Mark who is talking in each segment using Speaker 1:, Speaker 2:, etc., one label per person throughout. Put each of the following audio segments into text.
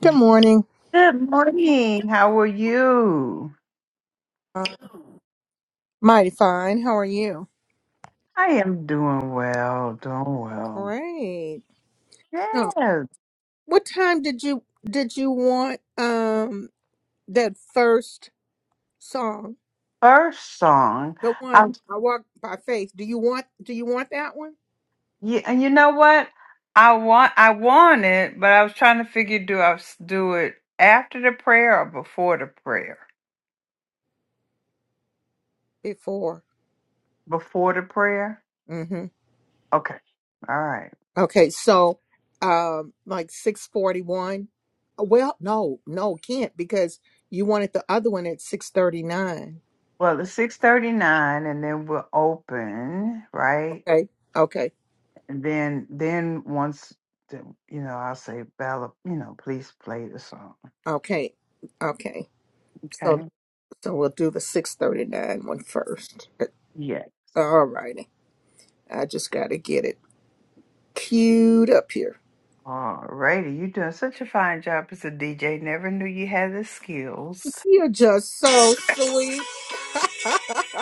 Speaker 1: Good morning.
Speaker 2: Good morning. How are you?
Speaker 1: Uh, Mighty fine. How are you?
Speaker 2: I am doing well, doing well.
Speaker 1: Great. So,
Speaker 2: Yes,
Speaker 1: what time did you did you want um that first song?
Speaker 2: first song.
Speaker 1: The one
Speaker 2: I
Speaker 1: I walk by faith. Do you want do you want that one?
Speaker 2: yeah, and you know what? I want I want it, but I was trying to figure do I s- do it after the prayer or before the prayer?
Speaker 1: Before.
Speaker 2: Before the prayer?
Speaker 1: Mm-hmm.
Speaker 2: Okay. All right.
Speaker 1: Okay, so um like 641. Well, no, no, can't because you wanted the other one at 639.
Speaker 2: Well, it's 6:39 and then we'll open, right?
Speaker 1: Okay. Okay.
Speaker 2: And then then once the, you know, I'll say Bella, you know, please play the song.
Speaker 1: Okay. Okay. So so we'll do the 639 one first.
Speaker 2: Yes.
Speaker 1: All righty. I just got to get it queued up here.
Speaker 2: All righty. You're doing such a fine job as a DJ. Never knew you had the skills.
Speaker 1: You're just so sweet.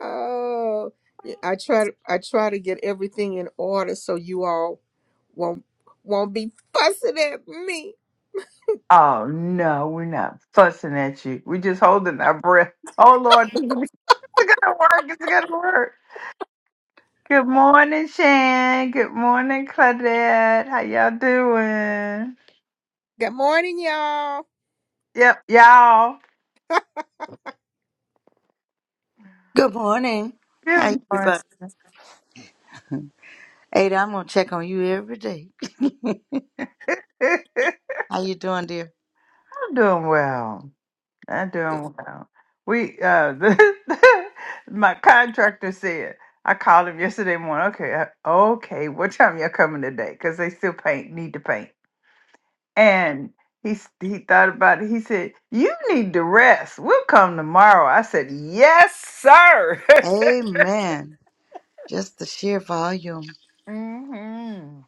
Speaker 1: oh, yeah, I try to I try to get everything in order so you all Won't won't be fussing at me.
Speaker 2: Oh, no, we're not fussing at you. We're just holding our breath. Oh, Lord. It's going to work. It's going to work. Good morning, Shan. Good morning, Claudette. How y'all doing?
Speaker 1: Good morning, y'all.
Speaker 2: Yep, y'all.
Speaker 3: Good morning. How
Speaker 2: Good
Speaker 3: you
Speaker 2: morning.
Speaker 3: everybody? Ada, I'm gonna check on you every day.
Speaker 2: I'm
Speaker 3: How you doing, dear?
Speaker 2: doing well. I'm doing well. We uh, the, my contractor said I called him yesterday morning. Okay, uh, okay, what time y'all coming today? Because they still paint need to paint, and he s- he thought about it. He said, "You need to rest. We'll come tomorrow." I said, "Yes, sir."
Speaker 3: Amen. Just the sheer volume.
Speaker 2: mm-hmm.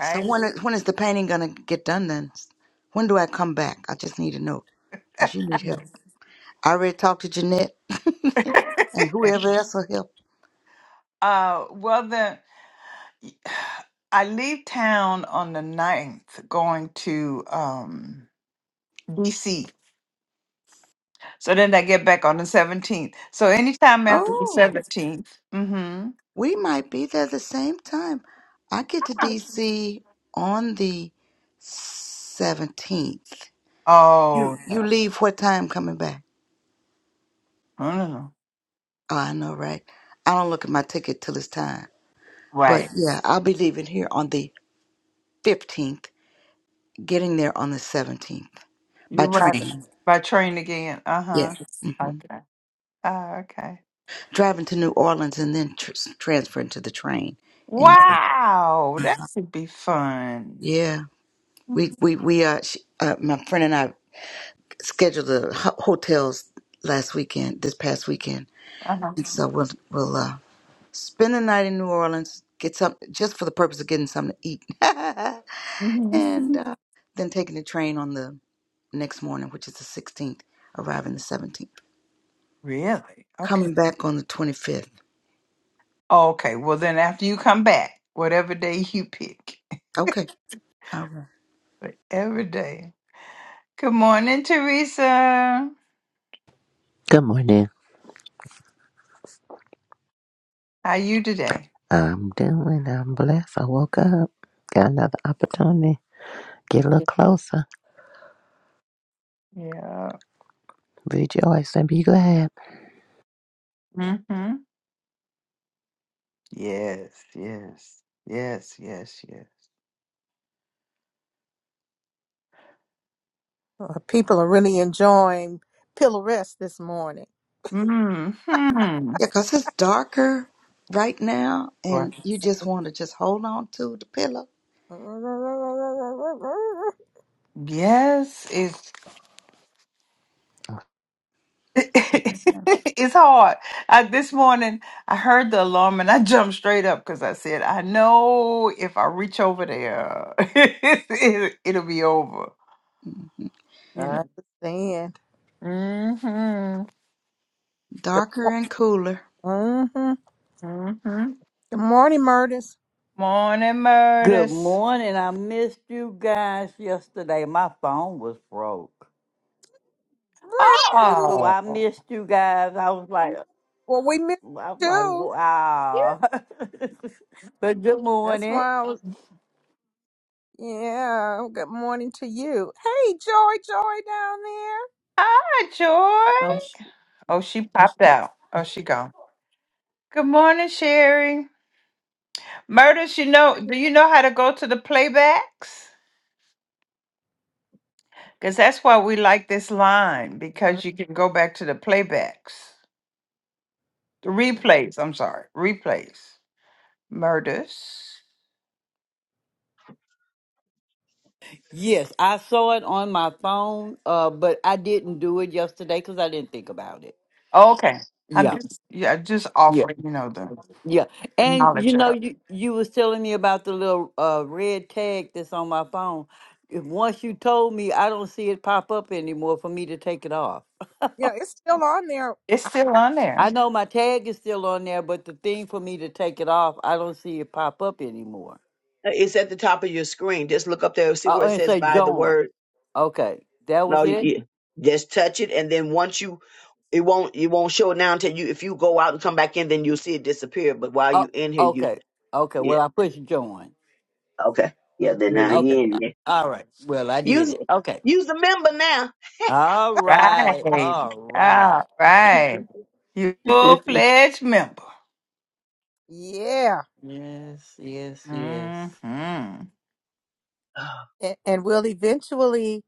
Speaker 3: So when is, when is the painting gonna get done then? When do I come back? I just need to know. Cause you need help. I already talked to Jeanette and whoever else will help.
Speaker 2: Uh, well then, y- I leave town on the ninth, going to um DC So then I get back on the 17th. So anytime after the
Speaker 3: Oh,
Speaker 2: 17th. Mm-hmm.
Speaker 3: we might be there the same time. I get to DC on the seventeenth. You
Speaker 2: Oh,
Speaker 3: you
Speaker 2: no.
Speaker 3: leave what time coming back?
Speaker 2: Oh, no. no.
Speaker 3: Oh, I know, right? I don't look at my ticket till it's time. But
Speaker 2: Right.
Speaker 3: yeah, I'll be leaving here on the 15th, getting there on the 17th by
Speaker 2: You're right.
Speaker 3: train.
Speaker 2: By train again.
Speaker 3: Yeah.
Speaker 2: Uh-huh.
Speaker 3: hmm
Speaker 2: Okay. Uh, okay.
Speaker 3: Driving to New Orleans and then tr- transferring to the train. in New And
Speaker 2: Wow. That should be fun.
Speaker 3: yeah, we, we, we, uh, sh uh, my friend and I scheduled the ho- hotels last weekend, this past weekend.
Speaker 2: Uh-huh.
Speaker 3: And so we'll, we'll, uh, spend the night in New Orleans, get some, just for the purpose of getting something to eat.
Speaker 2: hmm
Speaker 3: and, uh, then taking the train on the next morning, which is the 16th, arriving the 17th.
Speaker 2: Really? Okay.
Speaker 3: Coming back on the 25th.
Speaker 2: Okay. Well, then after you come back, whatever day you pick,
Speaker 3: Okay. All right.
Speaker 2: whatever day. Good morning, Teresa.
Speaker 4: Good morning.
Speaker 2: How you today?
Speaker 4: I'm doing. I'm blessed. I woke up. Got another opportunity. Get a little closer.
Speaker 2: Yeah.
Speaker 4: Rejoice and be glad.
Speaker 2: Mm-hmm. Yes, yes, yes, yes, yes.
Speaker 1: Uh, People are really enjoying pillow rest this morning.
Speaker 2: hmm
Speaker 3: Yeah, 'cause it's darker right now,
Speaker 2: Right.
Speaker 3: and you just want to just hold on to the pillow.
Speaker 1: I
Speaker 2: Yes, it's it's hard. I, this morning I heard the alarm and I jumped straight up because I said, I know if I reach over there, it, will be over.
Speaker 3: Mhm.
Speaker 2: You know.
Speaker 1: understand.
Speaker 2: Mm-hmm.
Speaker 1: Good,
Speaker 3: Darker and cooler.
Speaker 1: mm-hmm.
Speaker 2: Mm-hmm.
Speaker 1: Good morning, Murders.
Speaker 2: Morning,
Speaker 5: Good
Speaker 2: Murders.
Speaker 5: morning. I missed you guys yesterday. My phone was broke. Yeah,
Speaker 1: Really?
Speaker 5: So
Speaker 2: Oh,
Speaker 5: I missed you guys. I was like, I
Speaker 1: Well, we missed
Speaker 5: was
Speaker 1: you
Speaker 5: like,
Speaker 1: too.
Speaker 5: wow. but good
Speaker 1: That's
Speaker 5: morning.
Speaker 1: why I was. Yeah. Good morning to you. Hey, Joy, Joy down there.
Speaker 2: hi,
Speaker 5: Oh,
Speaker 2: Joy.
Speaker 5: sh-
Speaker 2: Oh, she popped out. Oh, she gone. Good morning, Sherry. Murders, you know, do you know how to go to the playbacks? Because that's why we like this line,
Speaker 1: Mhm.
Speaker 2: because you can go back to the playbacks. The replays, I'm sorry, replays. Murders.
Speaker 5: yes, I saw it on my phone, uh, but I didn't do it yesterday because I didn't think about it.
Speaker 2: Okay. I'm
Speaker 5: Yeah.
Speaker 2: just yeah, just
Speaker 5: yeah.
Speaker 2: offering, you know, the,
Speaker 5: Yeah,
Speaker 2: the
Speaker 5: and you
Speaker 2: knowledge
Speaker 5: know,
Speaker 2: of.
Speaker 5: you you was telling me about the little uh red tag that's on my phone. If Once you told me, I don't see it pop up anymore for me to take it off.
Speaker 1: Yeah, it's still on there.
Speaker 2: It's
Speaker 1: I,
Speaker 2: still on
Speaker 5: I
Speaker 2: there.
Speaker 5: know my tag is still on there, but the thing for me to take it off, I don't see it pop up anymore.
Speaker 6: Uh, It's at the top of your screen. Just look up there, see
Speaker 5: Uh, Oh,
Speaker 6: where it
Speaker 5: and
Speaker 6: says
Speaker 5: say
Speaker 6: by the
Speaker 5: join.
Speaker 6: word.
Speaker 5: Okay, that was
Speaker 6: No, you,
Speaker 5: it.
Speaker 6: you- just touch it, and then once you, it won't it won't show it now until you. If you go out and come back in, then you'll see it disappear. But while
Speaker 5: Oh,
Speaker 6: you in here, you
Speaker 5: okay, okay.
Speaker 6: yeah
Speaker 5: Well, I pushed join.
Speaker 6: okay yeah. Then now
Speaker 2: Really?
Speaker 5: Okay,
Speaker 6: you in there.
Speaker 5: all right. Well, I did
Speaker 6: Use
Speaker 5: it. Okay,
Speaker 6: use the member
Speaker 5: all right,
Speaker 2: Right.
Speaker 5: all right.
Speaker 2: Yeah, right. You
Speaker 6: now.
Speaker 2: full fledged member.
Speaker 1: yeah.
Speaker 5: Yes, yes, yes.
Speaker 2: Mm-hmm.
Speaker 1: And, and will eventually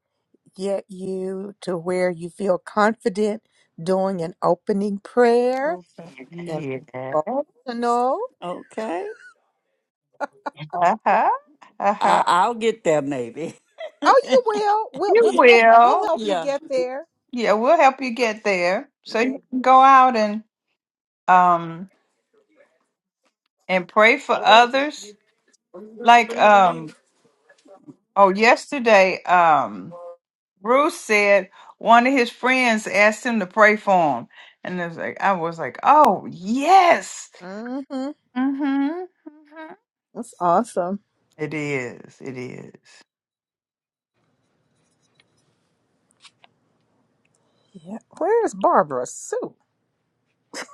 Speaker 1: get you to where you feel confident doing an opening prayer
Speaker 5: Okay.
Speaker 1: and
Speaker 2: Yeah.
Speaker 1: devotional.
Speaker 5: Okay.
Speaker 2: Uh-huh. Uh-huh.
Speaker 5: I, I'll get there maybe.
Speaker 1: Oh, you will. We'll,
Speaker 2: You
Speaker 1: we'll, help, we'll
Speaker 2: will.
Speaker 1: help you
Speaker 5: yeah.
Speaker 1: get there.
Speaker 2: Yeah, we'll help you get there. So
Speaker 1: Yeah.
Speaker 2: you can go out and um and pray for others. Like um oh yesterday um Bruce said one of his friends asked him to pray for him. And it was like I was like, "Oh, yes."
Speaker 1: Mm-hmm.
Speaker 2: Mhm. mhm.
Speaker 1: That's awesome.
Speaker 2: It is. It is.
Speaker 1: Yeah. Where is Barbara Sue?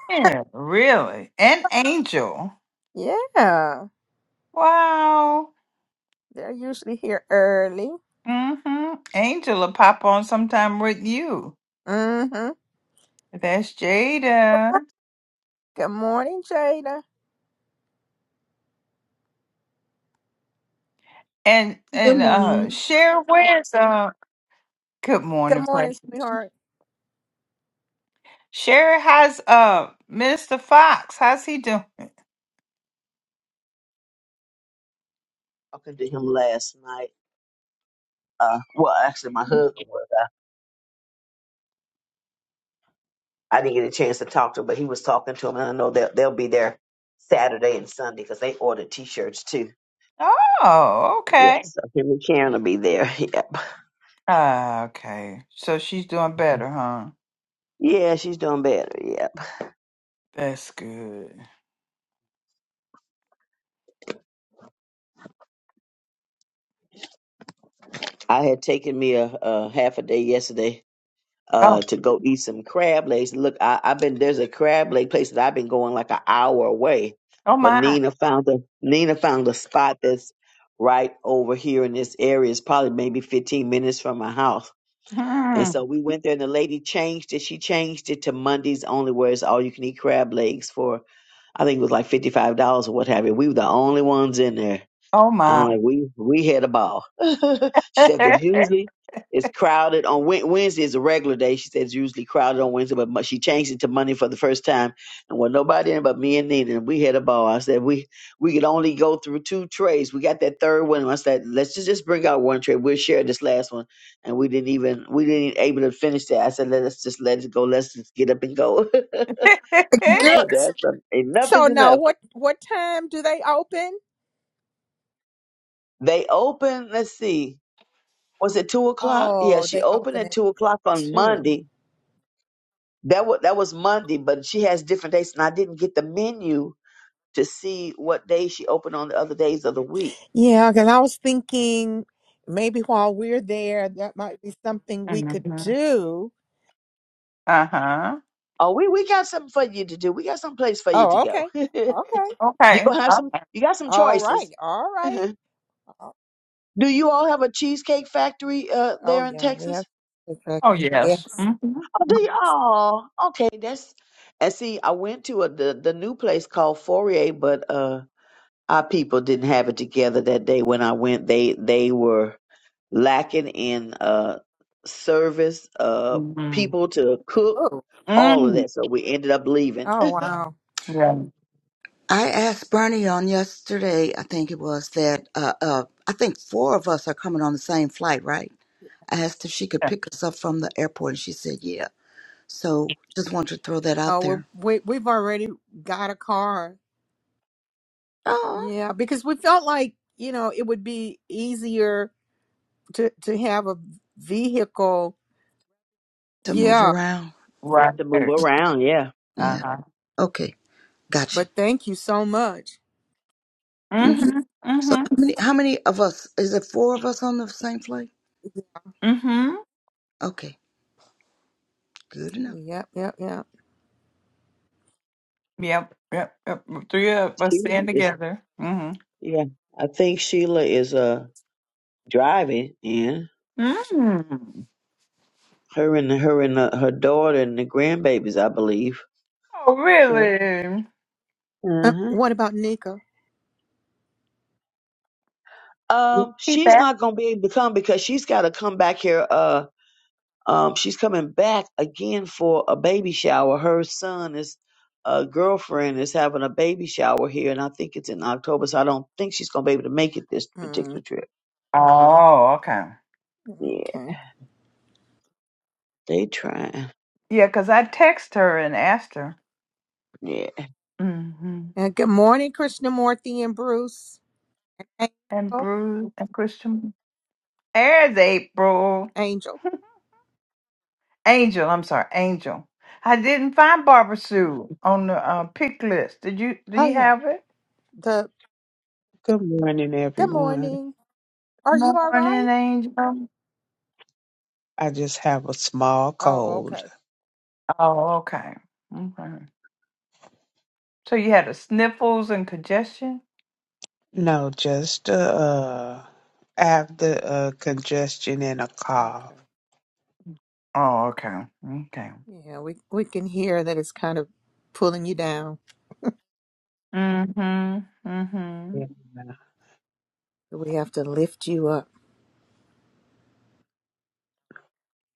Speaker 2: Yeah, really. And Angel.
Speaker 1: Yeah.
Speaker 2: Wow.
Speaker 1: They're usually here early.
Speaker 2: Mhm. Angel will pop on sometime with you.
Speaker 1: Mm-hmm.
Speaker 2: That's Jada.
Speaker 1: Good morning, Jada.
Speaker 2: And
Speaker 7: Good
Speaker 2: and
Speaker 7: morning.
Speaker 2: uh Cher where's uh good
Speaker 1: Good
Speaker 2: morning,
Speaker 1: morning,
Speaker 2: precious.
Speaker 1: sweetheart.
Speaker 2: Cher has uh Mr. Fox. How's he doing?
Speaker 6: Talking to him last night. Uh, well, actually, my husband was. I, I didn't get a chance to talk to him, but he was talking to him, and I know they'll, they'll be there Saturday and Sunday because they ordered T-shirts too
Speaker 2: Oh, okay.
Speaker 6: Yes, I think Karen will be there. Yep.
Speaker 2: Uh, okay. So she's doing better, huh?
Speaker 6: Yeah, she's doing better. Yep.
Speaker 2: That's good.
Speaker 6: I had taken me a, a half a day yesterday uh,
Speaker 2: Oh,
Speaker 6: to go eat some crab legs. Look, I, I've been there's a crab leg place that I've been going like an hour away,
Speaker 2: oh
Speaker 6: but
Speaker 2: my.
Speaker 6: Nina found a Nina found a spot that's right over here in this area. It's probably maybe 15 minutes from my house. And
Speaker 2: Hmm.
Speaker 6: so we went there, and the lady changed it. She changed it to Mondays only, where it's all you can eat crab legs for I think it was like $55 or what have you. We were the only ones in there
Speaker 2: Oh
Speaker 6: I'm
Speaker 2: my.
Speaker 6: like, we we had a ball. she said, because usually it's crowded on Wed- Wednesday is a regular day. She said it's usually crowded on Wednesday, but Mo- she changed it to Monday for the first time, and was nobody in but me and Nina. And we had a ball. I said we we could only go through two trays. We got that third one. and I said let's just, just bring out one tray. We'll share this last one, and we didn't even we didn't even able to finish that. I said let's just let it go. Let's just get up and go. I
Speaker 1: Girl,
Speaker 6: said, That's a, enough is
Speaker 1: so now
Speaker 6: enough.
Speaker 1: what what time do they open?
Speaker 6: They open. Let's see. was it two o'clock? Yeah,
Speaker 1: Oh,
Speaker 6: she
Speaker 1: they
Speaker 6: opened
Speaker 1: open
Speaker 6: at
Speaker 1: at
Speaker 6: two o'clock on
Speaker 1: two.
Speaker 6: Monday. That was that was Monday, but she has different dates, and I didn't get the menu to see what day she opened on the other days of the week.
Speaker 1: Yeah, because I was thinking maybe while we're there, that might be something we could
Speaker 2: hmm
Speaker 1: do.
Speaker 2: Uh-huh.
Speaker 6: Oh, we we got something for you to do. We got some place for you to
Speaker 1: Oh,
Speaker 6: go.
Speaker 1: okay. Okay.
Speaker 6: you
Speaker 2: Okay.
Speaker 6: gonna have
Speaker 2: Oh
Speaker 6: some. You got some
Speaker 1: All right.
Speaker 6: choices.
Speaker 1: All righty.
Speaker 6: do
Speaker 1: Oh,
Speaker 6: you all have a cheesecake factory uh,
Speaker 1: oh,
Speaker 6: there in
Speaker 1: yeah, we have
Speaker 6: Texas?
Speaker 1: okay.
Speaker 2: oh,
Speaker 1: Yeah.
Speaker 2: yes. hmm
Speaker 6: Oh, do you? Oh, okay. That's and see, I went to a the, the new place called Fourier, but uh our people didn't have it together that day when I went. They they were lacking in uh service, uh
Speaker 2: hmm
Speaker 6: people to cook,
Speaker 1: Oh.
Speaker 6: all of
Speaker 2: Mm.
Speaker 6: that. So we ended up leaving
Speaker 1: Oh wow.
Speaker 2: Yeah.
Speaker 3: I asked Bernie on yesterday, I think it was, that uh, uh, I think four of us are coming on the same flight, right? I asked if she could
Speaker 2: yeah.
Speaker 3: pick us up from the airport, and she said, yeah. So just wanted to throw that
Speaker 1: Oh
Speaker 3: out
Speaker 1: well
Speaker 3: there.
Speaker 1: we we've already got a car
Speaker 3: Oh,
Speaker 1: Yeah, because we felt like, you know, it would be easier to to have a vehicle.
Speaker 3: to move
Speaker 1: Yeah,
Speaker 3: around.
Speaker 2: Right.
Speaker 6: to move around. Yeah,
Speaker 3: Yeah.
Speaker 2: Uh-huh.
Speaker 3: Okay. Gotcha.
Speaker 1: but thank you so much.
Speaker 3: hmm
Speaker 2: Mm-hmm.
Speaker 3: So
Speaker 2: Mm-hmm.
Speaker 3: how many how many of us? Is it four of us on the same flight?
Speaker 2: Mm-hmm.
Speaker 3: Okay, good enough.
Speaker 1: Yep, yep, yep.
Speaker 2: Yep. Yep. Yep. Three of us
Speaker 6: Sheila
Speaker 2: stand
Speaker 6: is.
Speaker 2: together. Mm-hmm.
Speaker 6: Yeah, I think Sheila is uh driving. Yeah,
Speaker 2: Mm.
Speaker 6: her and her and uh, her daughter and the grandbabies, I believe.
Speaker 2: Oh,
Speaker 6: Yeah.
Speaker 2: really?
Speaker 1: Uh,
Speaker 6: Uh-huh.
Speaker 1: what about Nika?
Speaker 2: You
Speaker 6: Um,
Speaker 2: Keep
Speaker 6: she's
Speaker 2: that.
Speaker 6: not gonna be able to come because she's got to come back here. Uh. Um, she's coming back again for a baby shower. Her son is a girlfriend is having a baby shower here, and I think it's in October. So I don't think she's gonna be able to make it this
Speaker 1: Mm,
Speaker 6: particular trip.
Speaker 2: Oh, okay.
Speaker 6: Yeah,
Speaker 1: okay.
Speaker 6: they trying.
Speaker 2: Yeah, because I text her and asked her.
Speaker 6: Yeah.
Speaker 2: Mm-hmm.
Speaker 1: And good morning, Krishnamurti and Bruce.
Speaker 2: And
Speaker 1: Angel.
Speaker 2: Bruce and Christian. There's April.
Speaker 1: Angel.
Speaker 2: Angel, I'm sorry, Angel. I didn't find Barbara Sue on the uh, pick list. Did you do
Speaker 1: Oh
Speaker 2: you
Speaker 1: yeah.
Speaker 2: have it?
Speaker 1: The
Speaker 8: Good morning,
Speaker 1: good
Speaker 8: everyone.
Speaker 1: morning. Are you all right?
Speaker 2: Morning Angel.
Speaker 8: I just have a small
Speaker 1: Oh,
Speaker 8: cold.
Speaker 1: okay.
Speaker 2: Oh, okay. Okay. So you had the sniffles and congestion?
Speaker 8: No, just uh, uh I have the uh, congestion and a cough.
Speaker 1: Okay.
Speaker 2: Oh, okay. Okay.
Speaker 1: Yeah, we we can hear that it's kind of pulling you down.
Speaker 2: Mm-hmm. Mm-hmm.
Speaker 8: Yeah.
Speaker 1: We have to lift you up.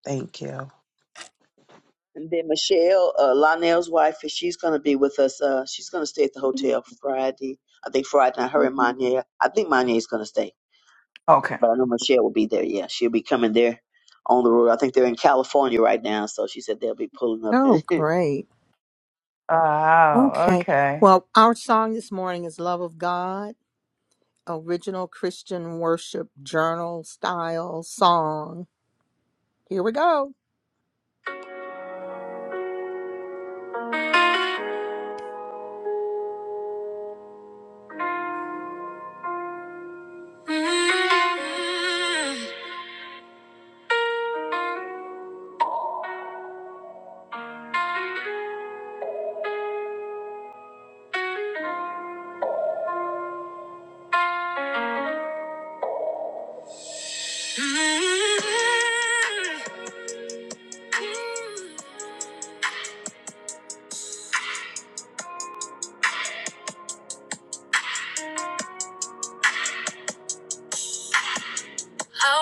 Speaker 8: Thank you.
Speaker 6: And then Michelle, uh, Lionel's wife, and she's gonna be with us. Uh, she's gonna stay at the hotel Friday. I think Friday night. Her and Manya. I think Manya is gonna stay,
Speaker 2: Okay.
Speaker 6: but I know Michelle will be there. Yeah, she'll be coming there on the road. I think they're in California right now, so she said they'll be pulling up.
Speaker 1: Oh,
Speaker 6: and
Speaker 1: great.
Speaker 2: Oh,
Speaker 1: Okay.
Speaker 2: okay.
Speaker 1: Well, our song this morning is Love of God, original Christian worship journal style song. Here we go. I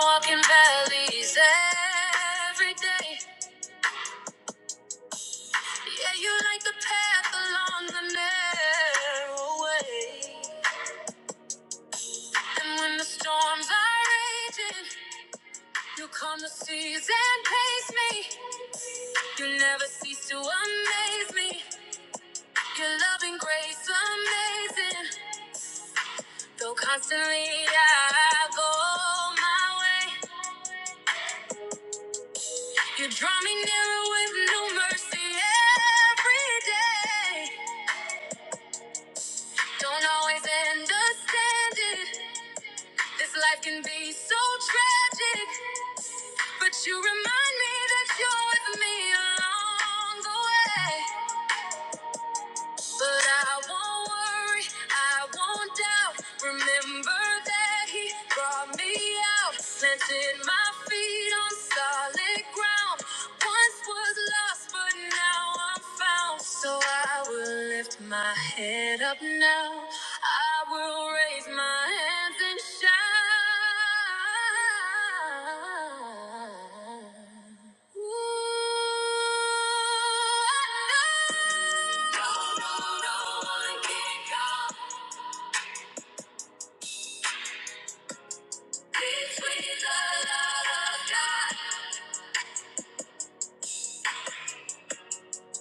Speaker 1: walk in valleys every day. Yeah, you like the path along the narrow way. And when the storms are raging, you calm the seas and pace me. You never cease to amaze me. Your loving grace amazing. Though constantly I go my way, you draw me nearer with new mercy every day. Don't always understand it. This life can be so tragic, but you remind me that you're with me along the way. But I won't worry, I won't doubt. Remember that He brought me out, planted my feet on solid ground. Once was lost, but now I'm found. So I will lift my head up now. I will raise my hands and shout. Between the love of God,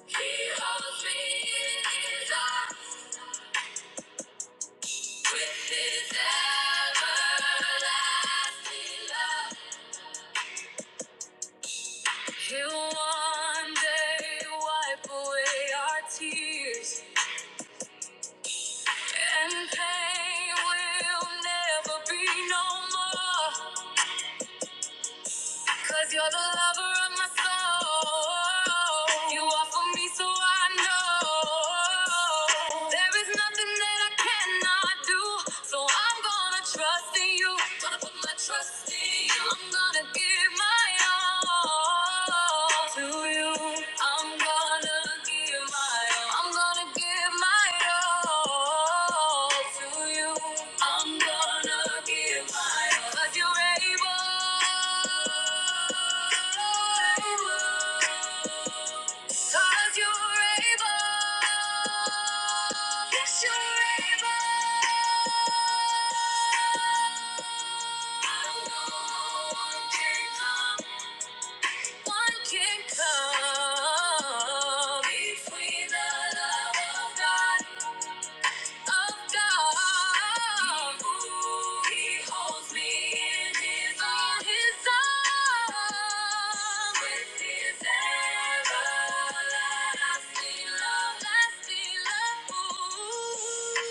Speaker 1: He holds me in His arms. With his everlasting love, he'll one day wipe away our tears, and pain will never be no more. Cause you're the lover of my soul. You are for me, so I know. There is nothing that I cannot do. So I'm gonna trust in you. Gonna put my trust in you. I'm gonna give my all to you. I'm gonna give my all. I'm gonna give my all to you. I'm gonna give my all. 'Cause you're able. Able. you you're able. Yes, you're able. No one can come one can come between the love of God of God. He holds me in his arms. His arms. With his everlasting love. Lasting love.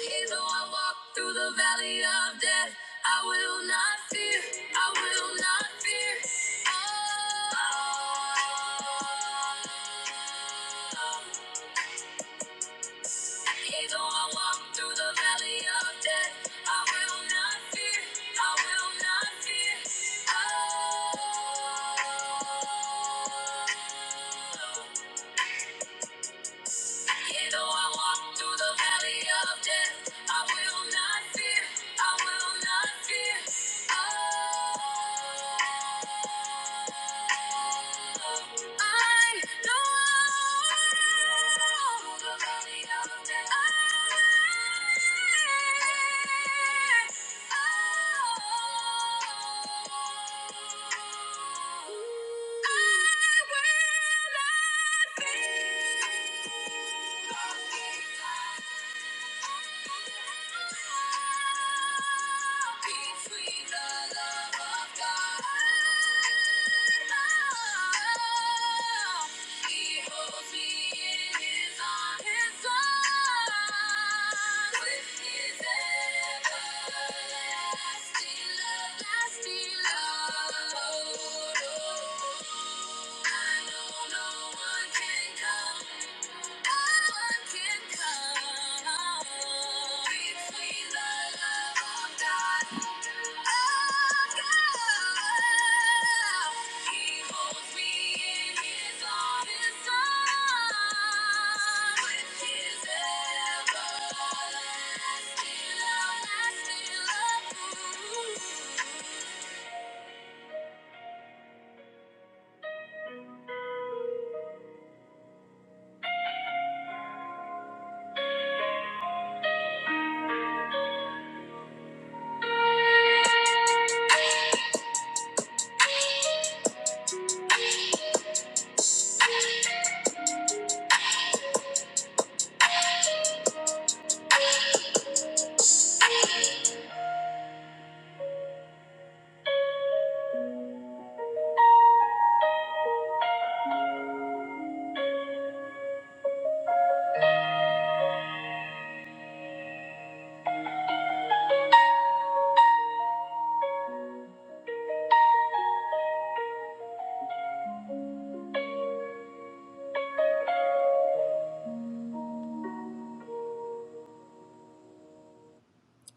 Speaker 1: He though I walk through the valley of death, I will not fear. I will not fear. Oh. Even though I walk through the valley of death, I will not fear. I will not fear. Oh. Yea, though I walk through the valley of death, I will not fear. I will not fear. Oh, I know I walk through the valley of death. I. Between the love of God. I know no one can come. No one can come.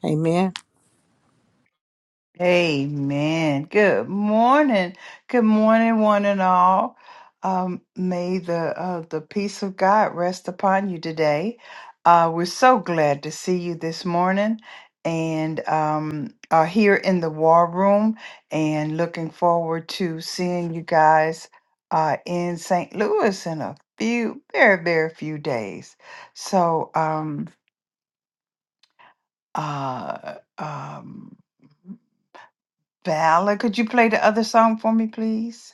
Speaker 1: Amen.
Speaker 2: Amen. Good morning. Good morning, one and all. Um, may the uh, the peace of God rest upon you today. Uh, we're so glad to see you this morning, and um, are here in the war room, and looking forward to seeing you guys uh, in St. Louis in a few, very, very few days. So, um, uh, um. Valor, could you play the other song for me, please?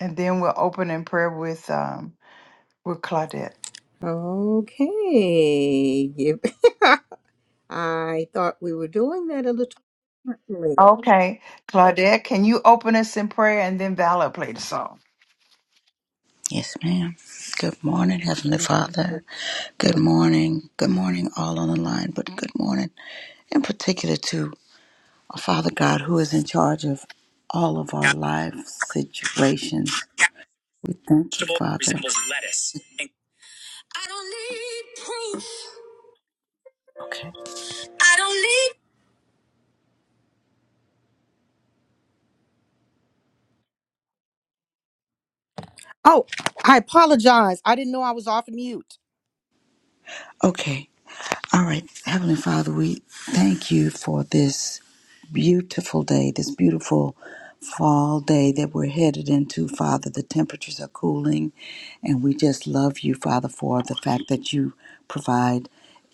Speaker 2: And then we'll open in prayer with um with Claudette.
Speaker 1: Okay. Give- I thought we were doing that a little differently.
Speaker 2: Okay, Claudette, can you open us in prayer and then Valor play the song?
Speaker 3: Yes, ma'am. Good morning, Heavenly
Speaker 2: Mhm.
Speaker 3: Father. Good morning. Good morning, all on the line, but good morning in particular to our Father God who is in charge of all of our life situations. We thank you,
Speaker 1: vegetable that
Speaker 3: Father.
Speaker 1: resembles lettuce. And- I don't need proof.
Speaker 3: Okay.
Speaker 1: I don't need. Oh, I apologize. I didn't know I was off mute.
Speaker 3: Okay. All right, Heavenly Father, we thank you for this beautiful day, this beautiful fall day that we're headed into, Father. The temperatures are cooling, and we just love you, Father, for the fact that you provide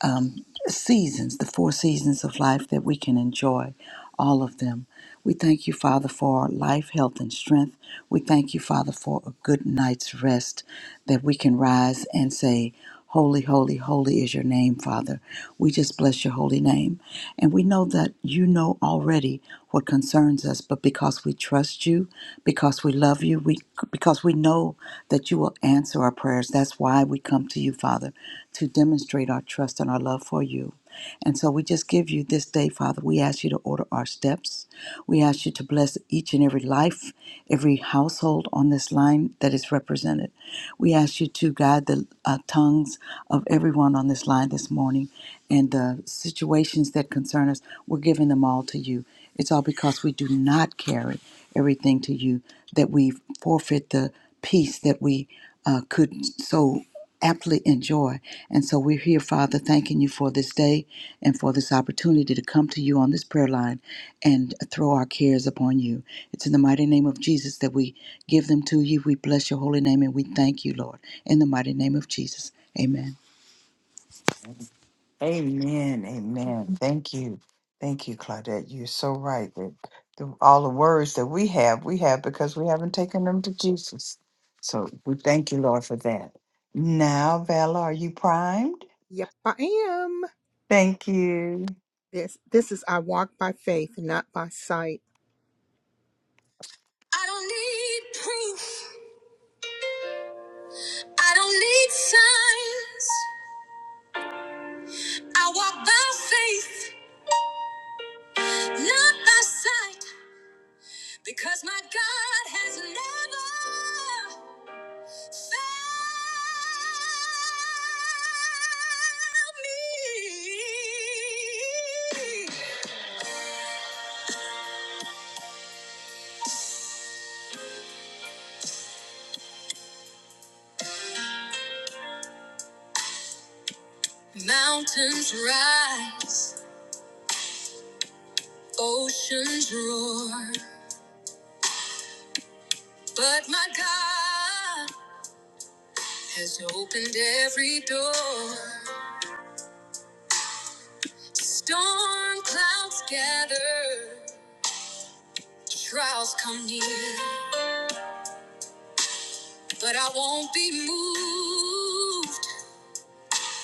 Speaker 3: um, seasons, the four seasons of life that we can enjoy, all of them. We thank you, Father, for life, health, and strength. We thank you, Father, for a good night's rest that we can rise and say, Holy, holy, holy is your name, Father. We just bless your holy name. And we know that you know already what concerns us, but because we trust you, because we love you, we because we know that you will answer our prayers. That's why we come to you, Father, to demonstrate our trust and our love for you. And so we just give you this day, Father. We ask you to order our steps. We ask you to bless each and every life, every household on this line that is represented. We ask you to guide the uh, tongues of everyone on this line this morning and the situations that concern us. We're giving them all to you. It's all because we do not carry everything to you that we forfeit the peace that we uh, could so aptly enjoy. And so we're here, Father, thanking you for this day and for this opportunity to come to you on this prayer line and throw our cares upon you. It's in the mighty name of Jesus that we give them to you. We bless your holy name and we thank you, Lord, in the mighty name of Jesus. Amen.
Speaker 2: Amen. Amen. Thank you. Thank you, Claudette. You're so right that the, all the words that we have, we have because we haven't taken them to Jesus. So we thank you, Lord, for that. Now, Valor, are you primed?
Speaker 1: Yep, I am.
Speaker 2: Thank you.
Speaker 1: This this is I walk by faith, not by sight. I don't need proof. I don't need signs. I walk by faith, not by sight, because my God has never. Mountains rise, oceans roar, but my God has opened every door. Storm clouds gather, trials come near, but I won't be moved.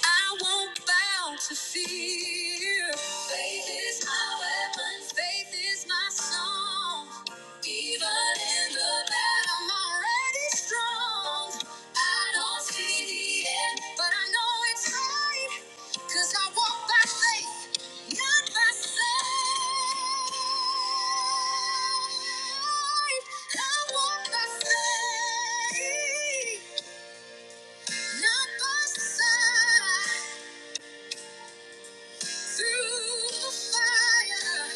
Speaker 1: I won't bow to fear. Faith is my weapon. Faith is my song. Even in the bad, I'm already strong. I don't see the end, but I know it's right. Cause I walk by faith, not by sight. I walk by faith, not by sight. Through the fire,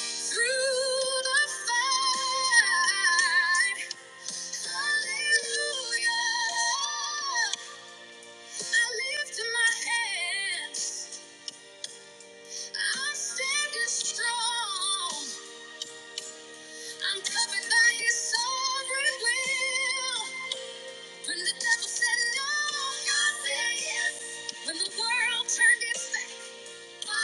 Speaker 1: through the fight. When the devil said no, God said yes. When the world turned its back. Faith, my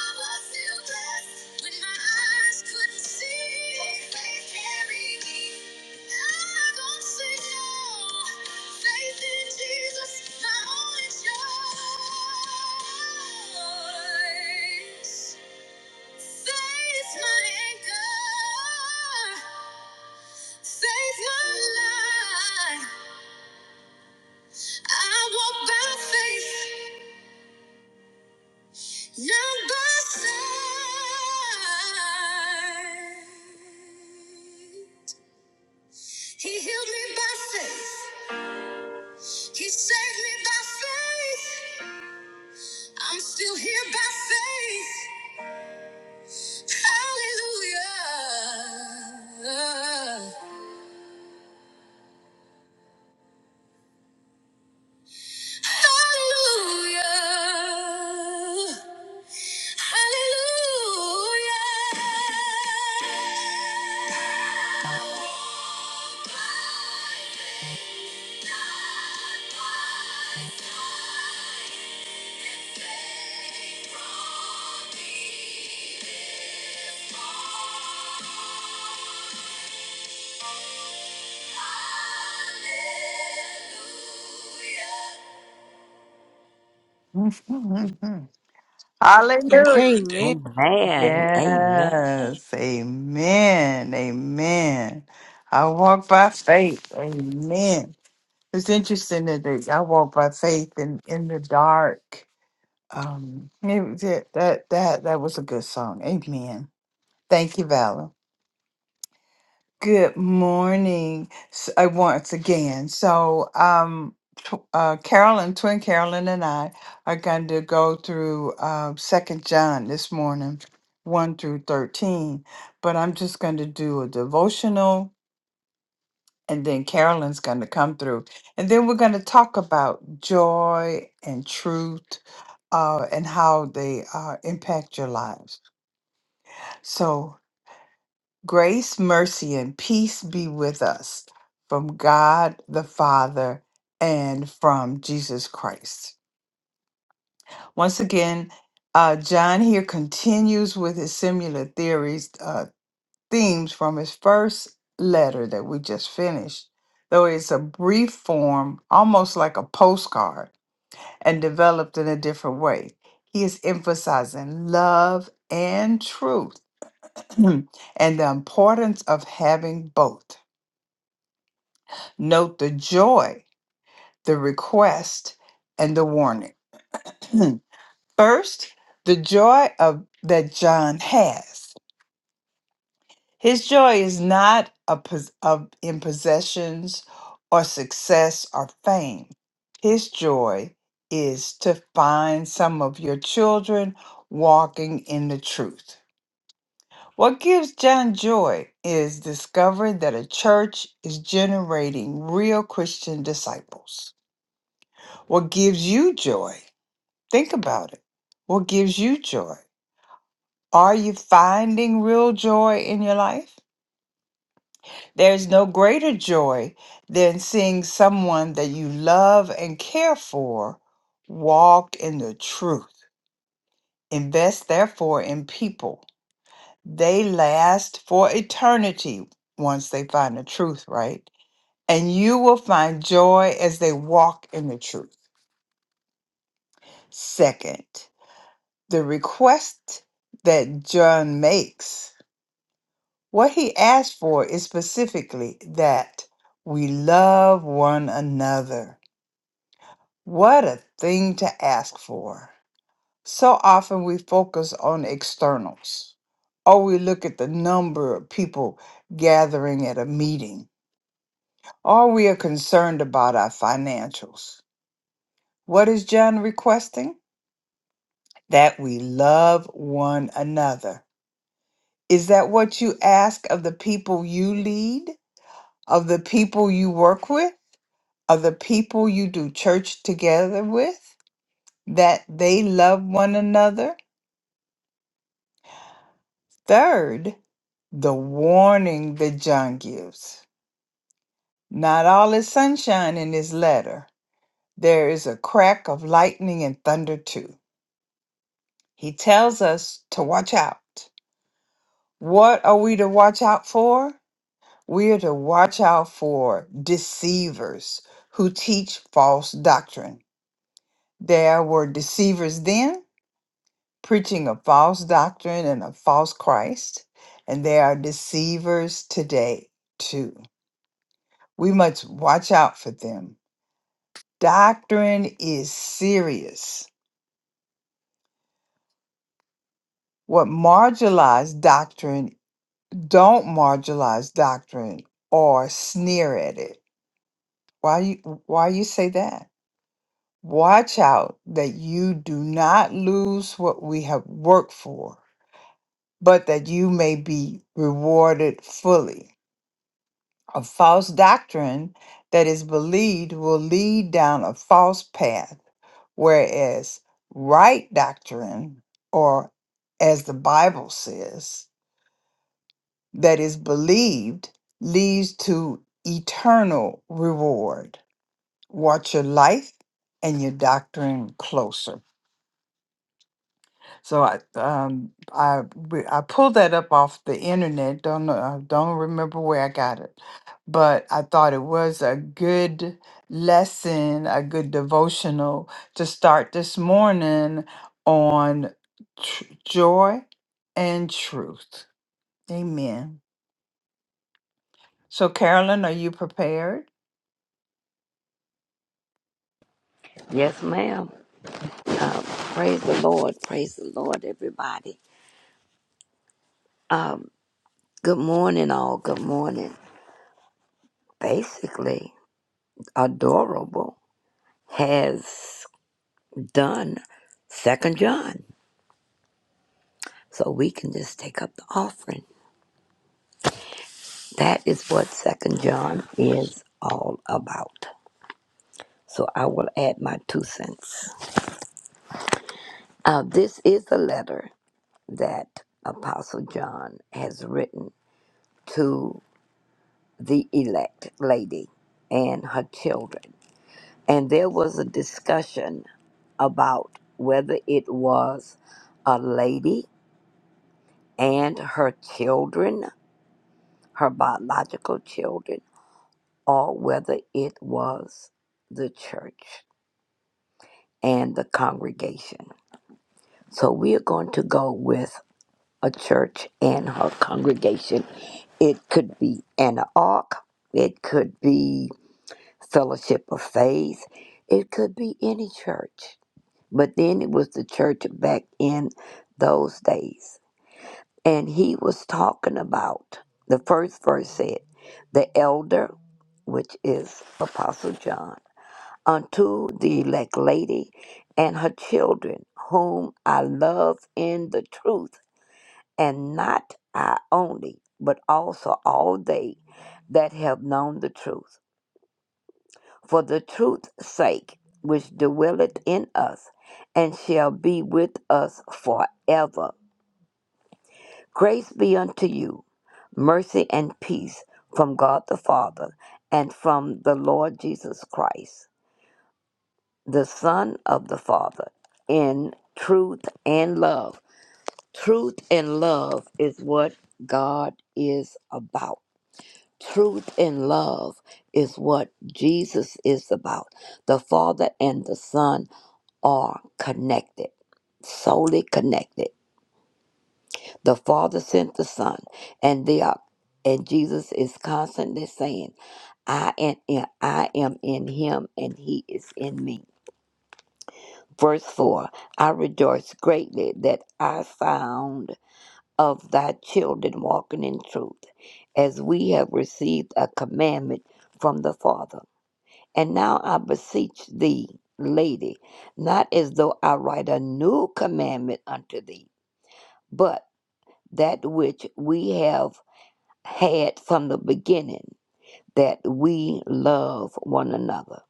Speaker 1: life. I walk by faith. Number five. He healed me by faith. He saved me by faith. I'm still here by faith. Hallelujah. Hallelujah. Hallelujah. Your butter
Speaker 2: Hallelujah.
Speaker 1: and thing. Amen.
Speaker 9: Amen. Amen.
Speaker 2: Yes. Amen. Amen. I walk by faith. Amen. It's interesting that they, I walk by faith in, in the dark. Um, it was- it- that that that was a good song. Amen. Thank you, Valor. Good morning, s- uh, once again. So, um, tw- uh, Carolyn, twin Carolyn, and I are going to go through uh, Second John this morning, one through thirteen. But I'm just going to do a devotional, and then Carolyn's going to come through, and then we're going to talk about joy and truth, uh, and how they uh, impact your lives. So. Grace, mercy, and peace be with us from God the Father and from Jesus Christ. Once again, uh, John here continues with his similar theories, uh, themes from his first letter that we just finished, though it's a brief form, almost like a postcard, and developed in a different way. He is emphasizing love and truth and the importance of having both. Note the joy, the request, and the warning. First, the joy of that John has. His joy is not a, pos- of, in possessions or success or fame. His joy is to find some of your children walking in the truth. What gives John joy is discovering that a church is generating real Christian disciples. What gives you joy? Think about it. What gives you joy? Are you finding real joy in your life? There's no greater joy than seeing someone that you love and care for walk in the truth. Invest, therefore, in people. They last for eternity once they find the truth, right? And you will find joy as they walk in the truth. Second, the request that John makes, what he asks for is specifically that we love one another. What a thing to ask for. So often we focus on externals, or we look at the number of people gathering at a meeting, or we are concerned about our financials. What is John requesting? That we love one another Is that what you ask of the people you lead, of the people you work with, of the people you do church together with, that they love one another? Third, the warning that John gives. Not all is sunshine in his letter. There is a crack of lightning and thunder too. He tells us to watch out. What are we to watch out for? We are to watch out for deceivers who teach false doctrine. There were deceivers then preaching a false doctrine and a false Christ, and there are deceivers today too. We must watch out for them. Doctrine is serious. What marginalized doctrine, don't marginalize doctrine or sneer at it. Why you why you say that? Watch out that you do not lose what we have worked for, but that you may be rewarded fully. A false doctrine that is believed will lead down a false path, whereas right doctrine, or as the Bible says, that is believed leads to eternal reward. Watch your life and your doctrine closer. So I um I we- I pulled that up off the internet. Don't know, I don't remember where I got it, but I thought it was a good lesson, a good devotional to start this morning on tr- joy and truth. Amen. So Carolyn, are you prepared?
Speaker 9: Yes, ma'am. Praise the Lord. Praise the Lord, everybody. Um, good morning, all. Good morning. Basically, Adorable has done Second John. So we can just take up the offering. That is what Second John is all about. So I will add my two cents. Uh, this is a letter that Apostle John has written to the elect lady and her children. And there was a discussion about whether it was a lady and her children, her biological children, or whether it was the church and the congregation. So we are going to go with a church and her congregation. It could be an ark, it could be fellowship of faith. It could be any church. But then it was the church back in those days. And he was talking about the first verse said, the elder, which is Apostle John, unto the elect lady and her children, whom I love in the truth, and not I only, but also all they that have known the truth for the truth's sake, which dwelleth in us, and shall be with us forever. Grace be unto you, mercy and peace from God the Father, and from the Lord Jesus Christ, the Son of the Father, in truth and love. Truth and love is what God is about. Truth and love is what Jesus is about. The Father and the Son are connected, solely connected. The Father sent the Son, and they are, and Jesus is constantly saying, I am in, I am in him and he is in me. Verse 4 I rejoice greatly that I found of thy children walking in truth, as we have received a commandment from the Father. And now I beseech thee, lady, not as though I write a new commandment unto thee but that which we have had from the beginning, that we love one another.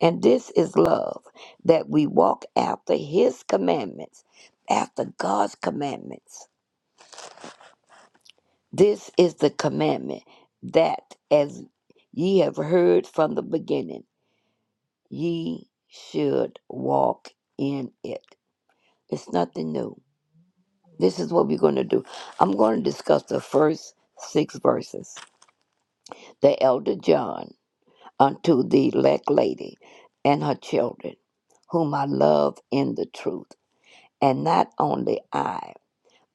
Speaker 9: And this is love, that we walk after his commandments, after God's commandments. This is the commandment that as ye have heard from the beginning, ye should walk in it. It's nothing new. This is what we're going to do. I'm going to discuss the first six verses. the elder John, unto the elect lady and her children, whom I love in the truth, and not only I,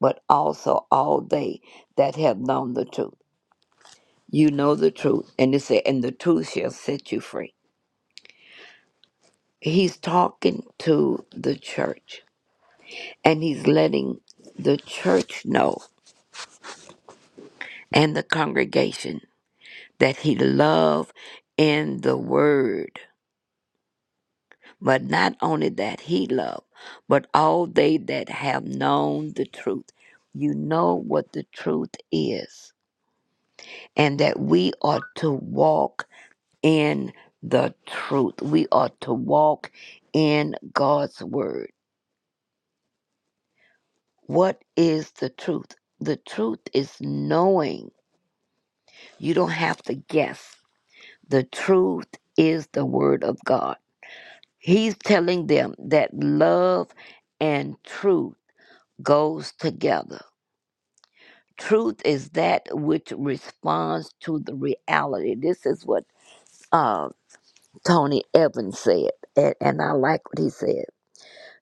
Speaker 9: but also all they that have known the truth. You know the truth, and it said, and the truth shall set you free. He's talking to the church, and he's letting the church know and the congregation that he love in the word But not only that he loved, but all they that have known the truth. You know what the truth is, and that we are to walk in the truth. We are to walk in God's word. What is the truth? The truth is knowing. You don't have to guess. The truth is the word of God. He's telling them that love and truth goes together Truth is that which responds to the reality. This is what uh, Tony Evans said, and, and I like what he said.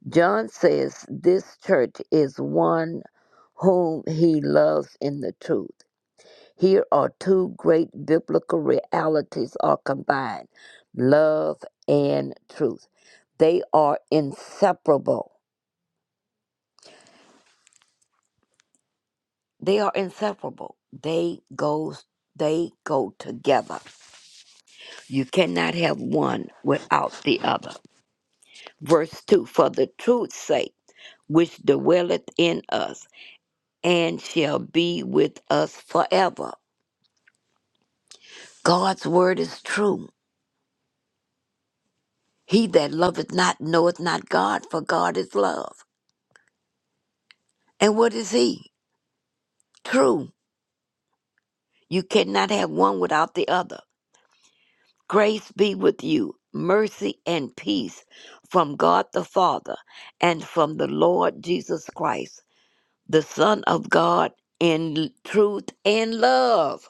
Speaker 9: John says this church is one whom he loves in the truth. Here are two great biblical realities are combined love and truth. They are inseparable. They are inseparable. They goes they go together. You cannot have one without the other. Verse 2 For the truth's sake, which dwelleth in us, and shall be with us forever. God's word is true. He that loveth not knoweth not God, for God is love. And what is He? True. You cannot have one without the other. Grace be with you, mercy and peace from God the Father and from the Lord Jesus Christ. the Son of God in truth and love.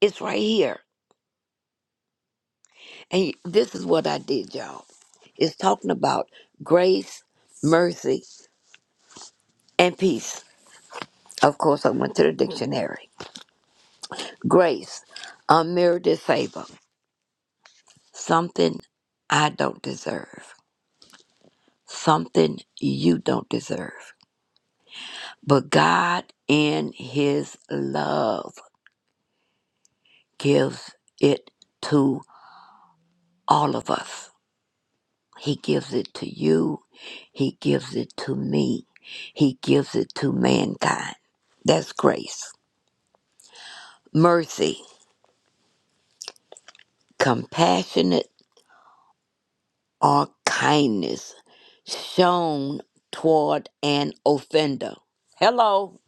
Speaker 9: It's right here. And this is what I did, y'all. It's talking about grace, mercy, and peace. Of course, I went to the dictionary. Grace, unmerited favor, something I don't deserve, something you don't deserve. But God, in His love, gives it to all of us. He gives it to you. He gives it to me. He gives it to mankind. That's grace. Mercy, compassionate or kindness shown toward an offender. Hello,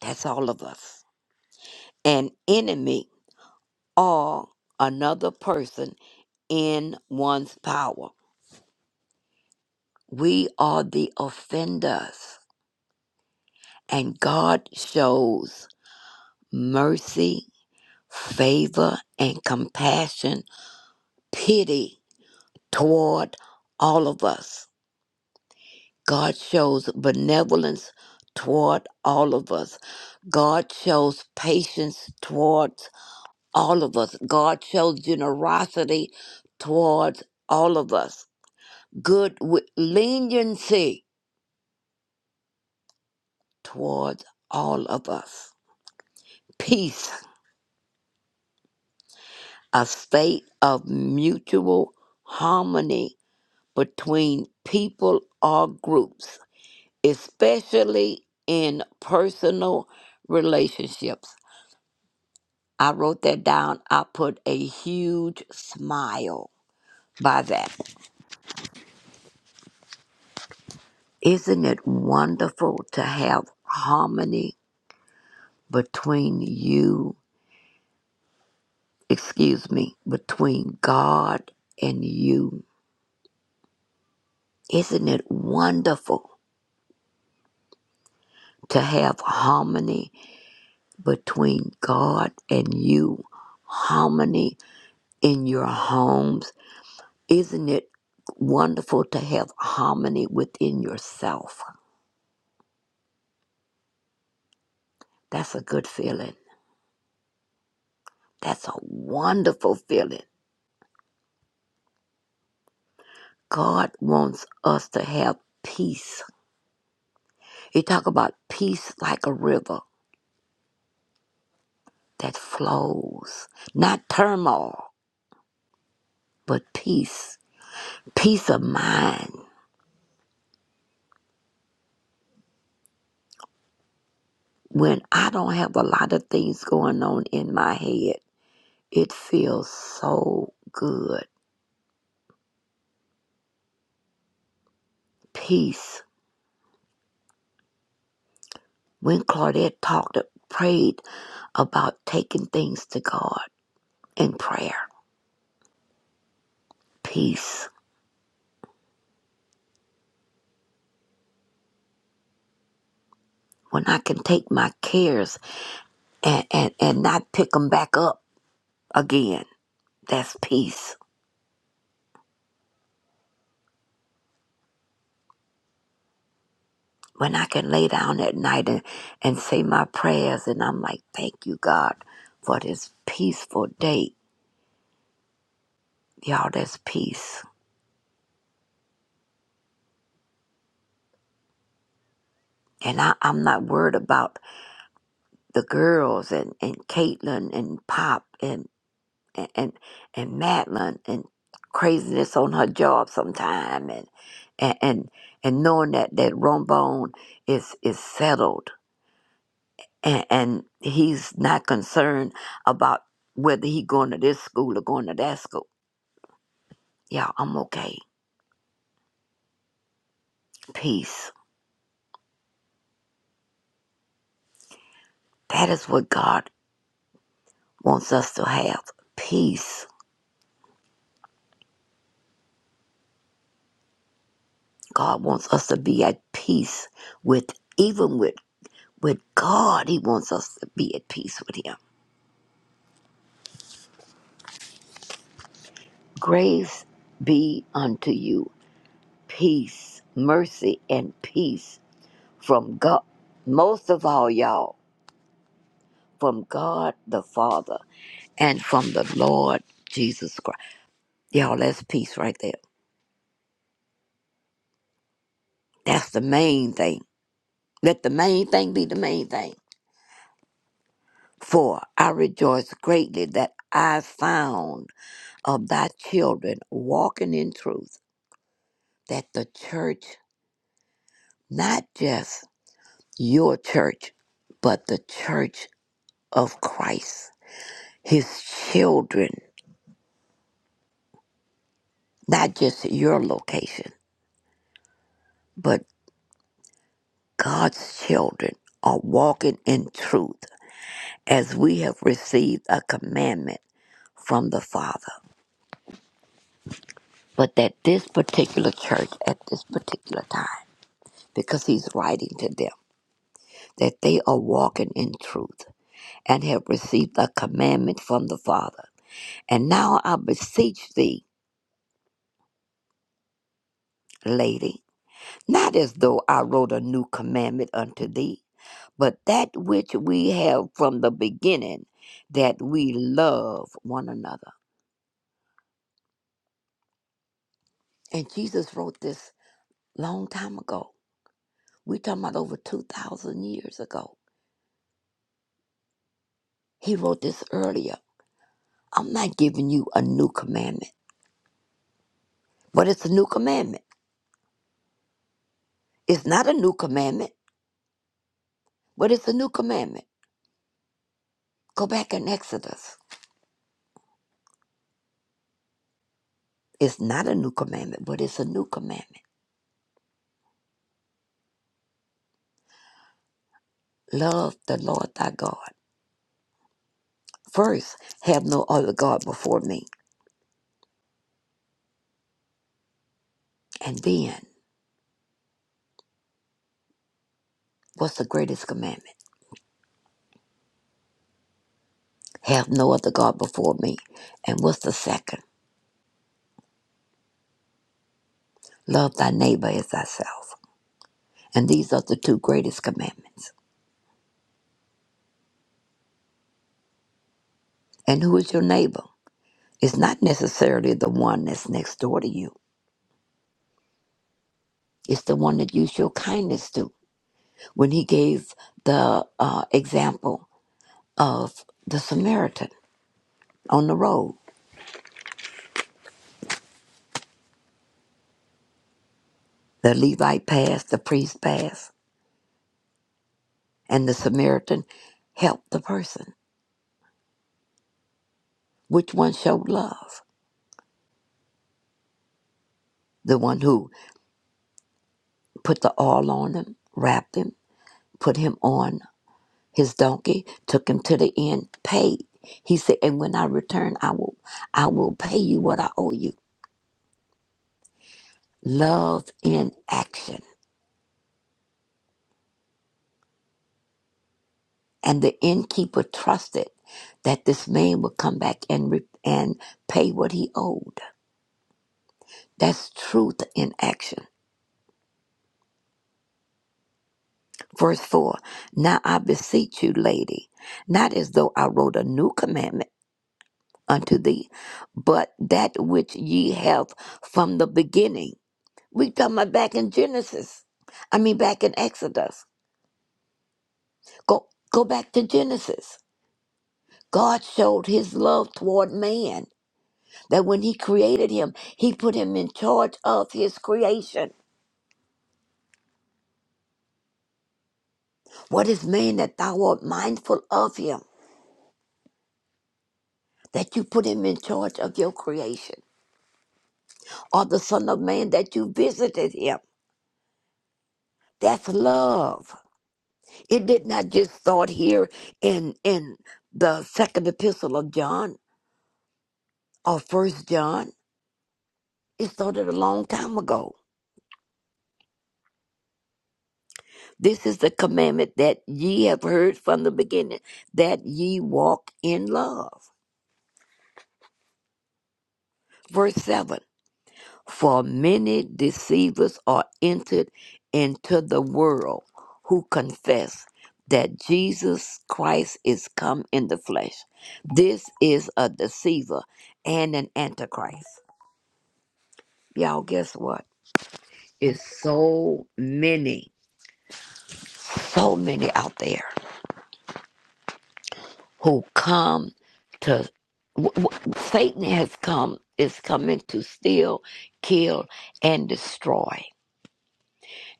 Speaker 9: that's all of us. An enemy or another person in one's power. We are the offenders, and God shows mercy favor and compassion, pity toward all of us. God shows benevolence toward all of us. God shows patience towards all of us. God shows generosity towards all of us. Good wi- leniency towards all of us. Peace, a state of mutual harmony between people or groups especially in personal relationships. I wrote that down. I put a huge smile by that. Isn't it wonderful to have harmony between you, excuse me, between God and you? Isn't it wonderful to have harmony between God and you? Harmony in your homes Isn't it wonderful to have harmony within yourself? That's a good feeling. That's a wonderful feeling. God wants us to have peace. He talk about peace like a river that flows, not turmoil, but peace, peace of mind. When I don't have a lot of things going on in my head, it feels so good. Peace. When Claudette talked, prayed about taking things to God in prayer. Peace. When I can take my cares and, and, and not pick them back up again, that's peace. When I can lay down at night and, and say my prayers, and I'm like, thank you, God, for this peaceful day. Y'all, that's peace. And I, I'm not worried about the girls and, and Caitlin and Pop and. and and, and Madeline and craziness on her job sometime and and and, and knowing that that Rombone is is settled and, and he's not concerned about whether he going to this school or going to that school. Yeah, I'm okay. Peace. That is what God wants us to have. Peace. God wants us to be at peace with even with with God. He wants us to be at peace with him Grace be unto you, peace, mercy, and peace from God. Most of all, y'all, from God the Father and from the Lord Jesus Christ. Y'all, that's peace right there. That's the main thing. Let the main thing be the main thing. For I rejoice greatly that I found of thy children walking in truth, that the church, not just your church, but the church of Christ, his children, not just your location, but God's children are walking in truth as we have received a commandment from the Father. But that this particular church at this particular time, because he's writing to them, that they are walking in truth and have received a commandment from the Father. And now I beseech thee, lady, Not as though I wrote a new commandment unto thee, but that which we have from the beginning, that we love one another. And Jesus wrote this long time ago. We're talking about over 2,000 years ago. He wrote this earlier. I'm not giving you a new commandment, but it's a new commandment. It's not a new commandment, but it's a new commandment. Go back in Exodus. It's not a new commandment, but it's a new commandment. Love the Lord thy God. First, have no other God before me. And then, what's the greatest commandment? Have no other God before me. And what's the second? Love thy neighbor as thyself. And these are the two greatest commandments. And who is your neighbor? It's not necessarily the one that's next door to you. It's the one that you show kindness to. When he gave the uh, example of the Samaritan on the road, the Levite passed, the priest passed, and the Samaritan helped the person. Which one showed love? The one who put the oil on him, wrapped him, put him on his donkey, took him to the inn, paid. He said, And when I return, I will I will pay you what I owe you. Love in action. And the innkeeper trusted that this man would come back and re- and pay what he owed. That's truth in action. Verse 4 Now I beseech you, lady, not as though I wrote a new commandment unto thee, but that which ye have from the beginning. We talking about back in Genesis. I mean back in Exodus. Go go back to Genesis. God showed his love toward man that when he created him, he put him in charge of his creation. What is man that thou art mindful of him? That you put him in charge of your creation, or the Son of Man that you visited him. That's love. It did not just start here in in the second epistle of John or first John. It started a long time ago. This is the commandment that ye have heard from the beginning, that ye walk in love. Verse seven. For many deceivers are entered into the world who confess that Jesus Christ is come in the flesh. This is a deceiver and an antichrist. Y'all, guess what? It's so many, so many out there who come to. W- w- Satan has come, is coming to steal, kill, and destroy.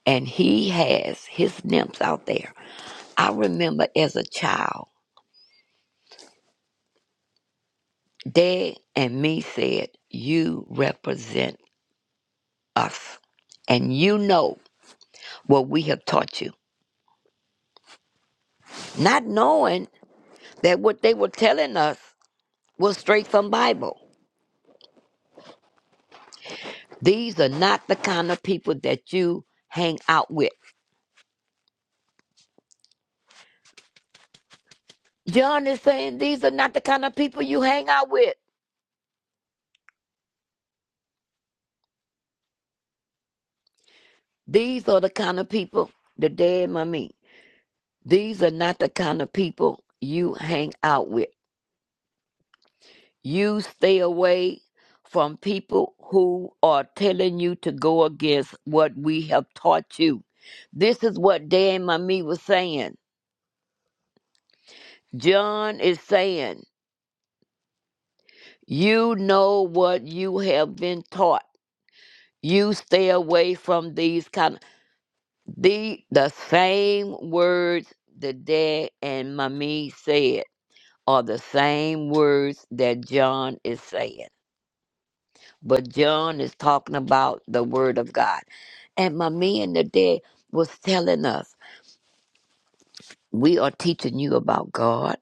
Speaker 9: And he has his nymphs out there. I remember as a child, Dad and me said, You represent us. And you know what we have taught you. Not knowing that what they were telling us was straight from Bible. These are not the kind of people that you hang out with. John is saying these are not the kind of people you hang out with. These are the kind of people, the dead mummy. These are not the kind of people you hang out with. You stay away from people who are telling you to go against what we have taught you. This is what Dan Mami was saying. John is saying, you know what you have been taught. You stay away from these kind of the the same words that dad and mommy said are the same words that John is saying. But John is talking about the word of God. And mommy and the dad was telling us, we are teaching you about God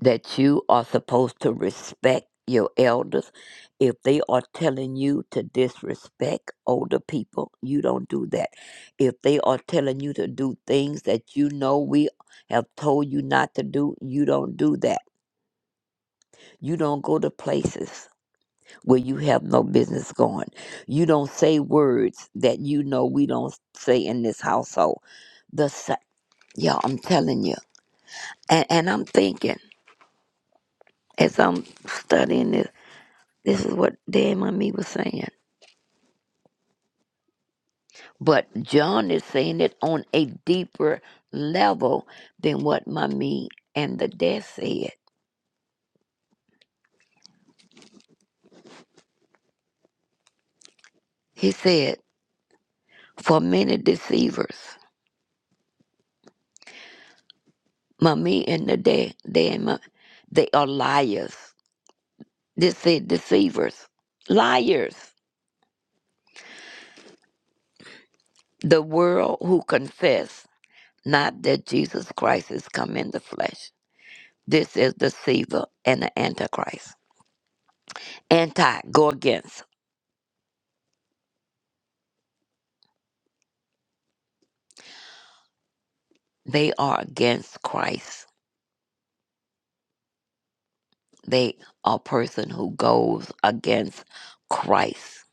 Speaker 9: that you are supposed to respect your elders. If they are telling you to disrespect older people, you don't do that. If they are telling you to do things that you know we have told you not to do, you don't do that. You don't go to places where you have no business going. You don't say words that you know we don't say in this household. The sa- yeah, I'm telling you. And, and I'm thinking as I'm studying this This is what Dan and me was saying. But John is saying it on a deeper level than what Mommy and the dad said. He said, For many deceivers, Mommy and the dad, they, and Ma- they are liars. This said deceivers, liars. The world who confess not that Jesus Christ is come in the flesh. This is deceiver and the antichrist. Anti, go against. They are against Christ They are a person who goes against Christ.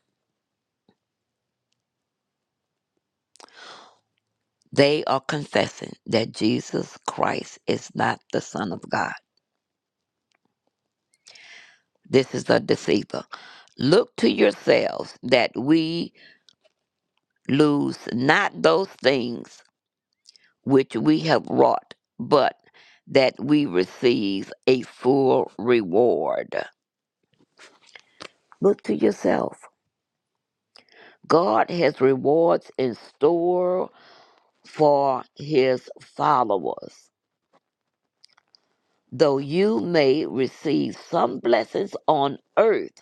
Speaker 9: They are confessing that Jesus Christ is not the Son of God. This is a deceiver. Look to yourselves that we lose not those things which we have wrought, but that we receive a full reward. Look to yourself. God has rewards in store for his followers. though you may receive some blessings on earth,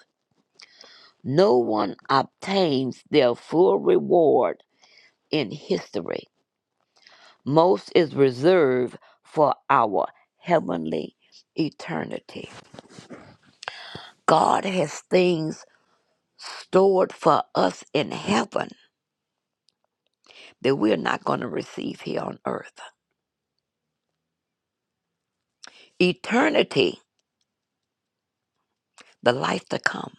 Speaker 9: no one obtains their full reward in history. Most is reserved for our heavenly eternity. God has things stored for us in heaven that we're not going to receive here on earth. Eternity, the life to come,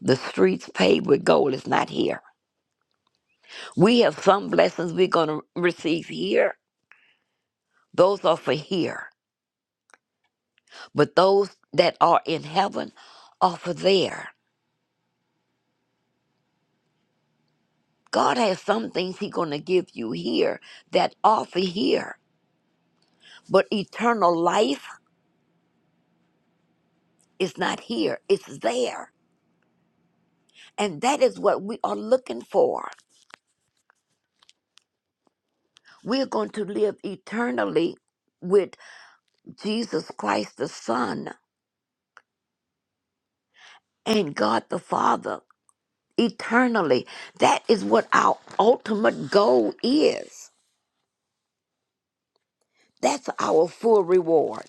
Speaker 9: the streets paved with gold is not here. We have some blessings we're going to receive here Those are for here, but those that are in heaven are for there. God has some things He's going to give you here that are for here, but eternal life is not here, it's there. And that is what we are looking for. We are going to live eternally with Jesus Christ the Son and God the Father eternally. That is what our ultimate goal is. That's our full reward.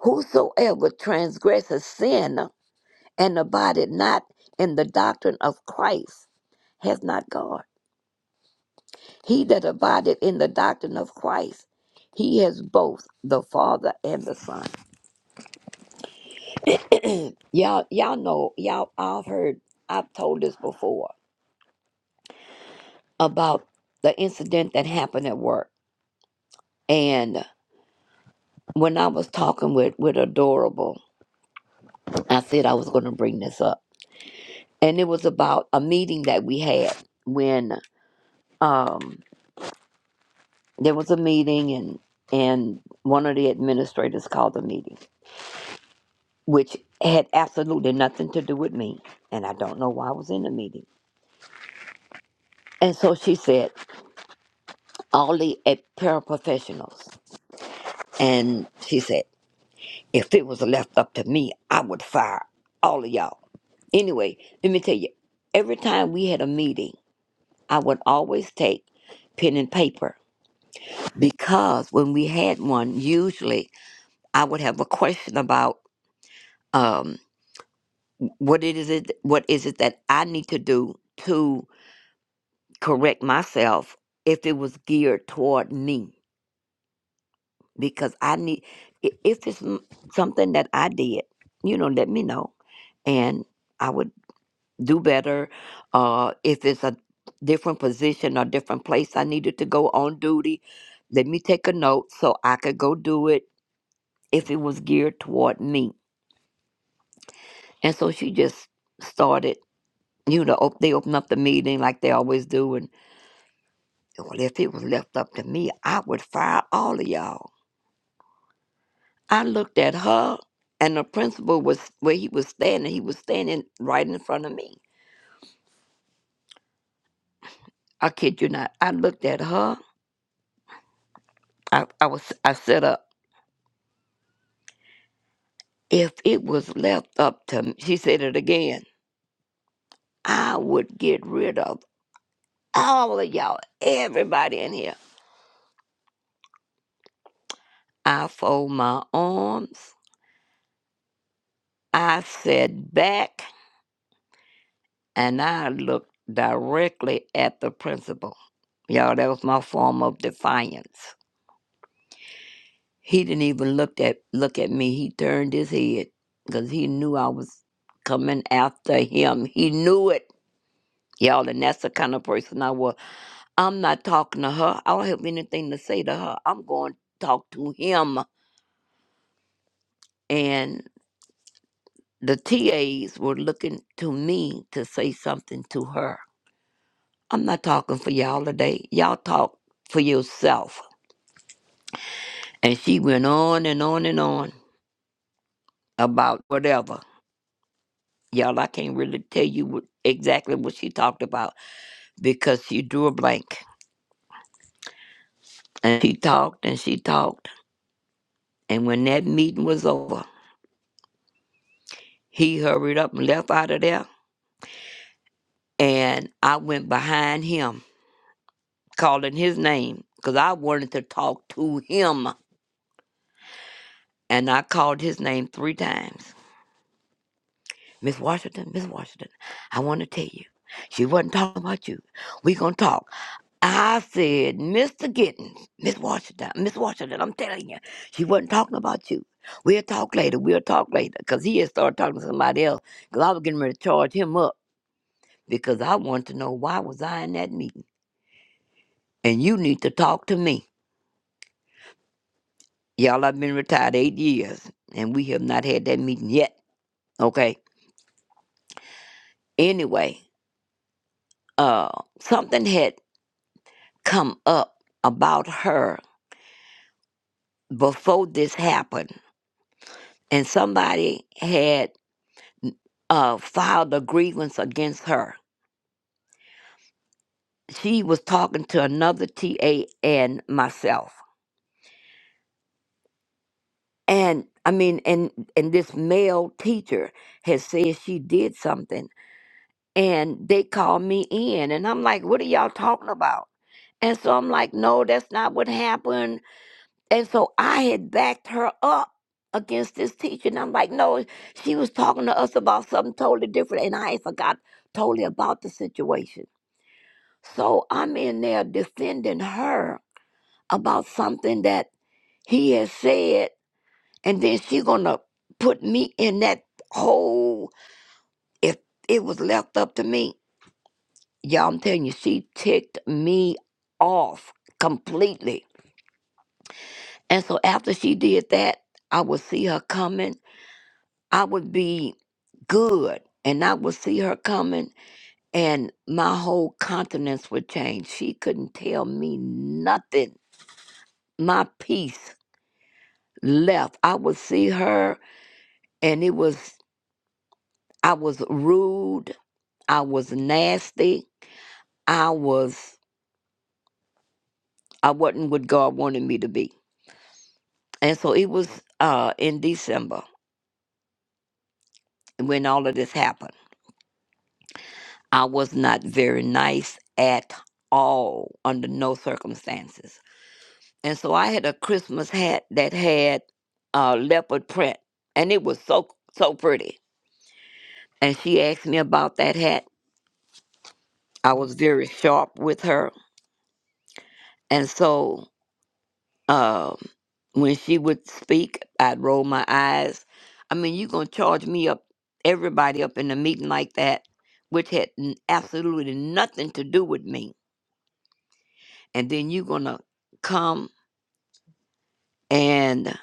Speaker 9: Whosoever transgresseth sin and abideth not in the doctrine of Christ has not God. He that abideth in the doctrine of Christ, he has both the Father and the Son. y'all, y'all know, y'all, I've heard, I've told this before about the incident that happened at work. And when I was talking with, with Adorable, I said I was going to bring this up. And it was about a meeting that we had when, um, there was a meeting and and one of the administrators called the meeting which had absolutely nothing to do with me and i don't know why i was in the meeting and so she said all the ed- paraprofessionals and she said if it was left up to me i would fire all of y'all anyway let me tell you every time we had a meeting i would always take pen and paper because when we had one usually i would have a question about um. what it is it what is it that I need to do to correct myself if it was geared toward me because I need i- if it's m- something that I did you know let me know and I would do better uh if it's a different position or different place I needed to go on duty let me take a note so I could go do it if it was geared toward me and so she just started you know op- they opened up the meeting like they always do and. Well, if it was left up to me, I would fire all of y'all. I looked at her, and the principal was where he was standing. He was standing right in front of me. I kid you not. I looked at her. I, I was. I said, "Up." If it was left up to me, she said it again. I would get rid of all of y'all, everybody in here. I fold my arms. I sat back. and I looked directly at the principal. Y'all, that was my form of defiance. He didn't even look at look at me. He turned his head because he knew I was coming after him. He knew it. Y'all, and that's the kind of person I was. I'm not talking to her. I don't have anything to say to her. I'm going to talk to him. And the TAs were looking to me to say something to her. I'm not talking for y'all today. Y'all talk for yourself And she went on and on and on about whatever. Y'all, I can't really tell you what, exactly what she talked about because she drew a blank. And she talked and she talked. And when that meeting was over, he hurried up and left out of there. And I went behind him, calling his name because I wanted to talk to him. And I called his name three times Miss Washington, Miss Washington, I want to tell you. She wasn't talking about you. we going to talk. I said, Mr. Gittens, Miss Washington, Miss Washington, I'm telling you, she wasn't talking about you. We'll talk later. We'll talk later. Because he had started talking to somebody else. Because I was getting ready to charge him up. Because I wanted to know why was I in that meeting. And you need to talk to me. Y'all, I've been retired eight years. And we have not had that meeting yet. Okay? Anyway, uh, something had come up about her before this happened. And somebody had uh, filed a grievance against her. She was talking to another TA and myself. And I mean, and and this male teacher has said she did something, and they called me in, and I'm like, "What are y'all talking about?" And so I'm like, "No, that's not what happened." And so I had backed her up against this teacher, and I'm like, "No, she was talking to us about something totally different, and I had forgot totally about the situation." So I'm in there defending her about something that he has said, and then she gonna put me in that hole if it was left up to me. Y'all, I'm telling you, she ticked me off completely. And so after she did that, I would see her coming. I would be good, and I would see her coming, and my whole countenance would change. She couldn't tell me nothing. My peace. left. I would see her and it was I was rude, I was nasty, I was I wasn't what God wanted me to be. And so it was uh in December when all of this happened. I was not very nice at all under no circumstances. And so I had a Christmas hat that had uh leopard print and it was so so pretty. And she asked me about that hat. I was very sharp with her. And so Um, when she would speak, I'd roll my eyes. I mean, you going to charge me up, everybody up in a meeting like that, which had n- absolutely nothing to do with me. And then you going to come and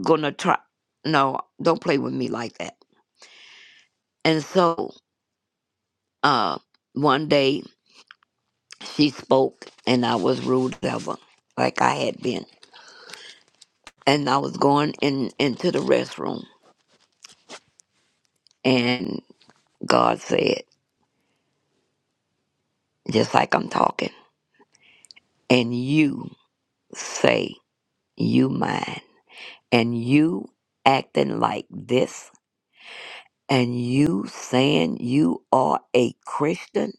Speaker 9: going to try. No, don't play with me like that. And so uh, one day she spoke, and I was rude as ever, like I had been. And I was going in into the restroom, and God said, just like I'm talking. and you say you mine and you acting like this and you saying you are a Christian,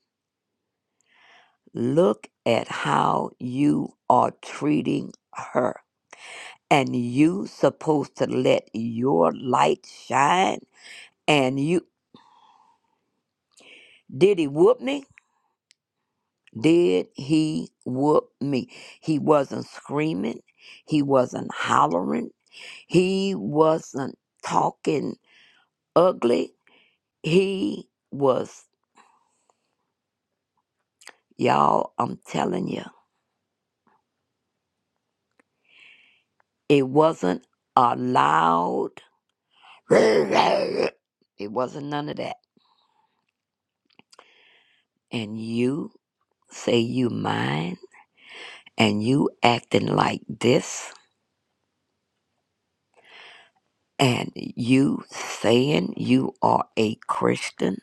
Speaker 9: look at how you are treating her. And you supposed to let your light shine and you did he whoop me? Did he whoop me? He wasn't screaming. He wasn't hollering. He wasn't talking ugly He was, y'all, I'm telling you, it wasn't a loud, it wasn't none of that. And you say you mine, and you acting like this, and you saying you are a Christian,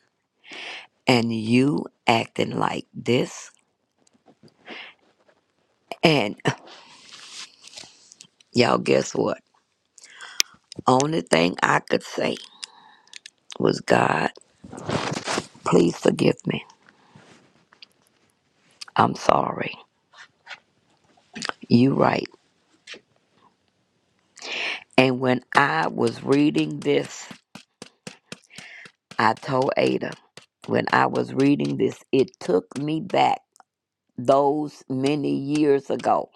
Speaker 9: and you acting like this. And y'all, guess what? Only thing I could say was, God, please forgive me. I'm sorry. You right. And when I was reading this, I told Ada, when I was reading this, it took me back those many years ago.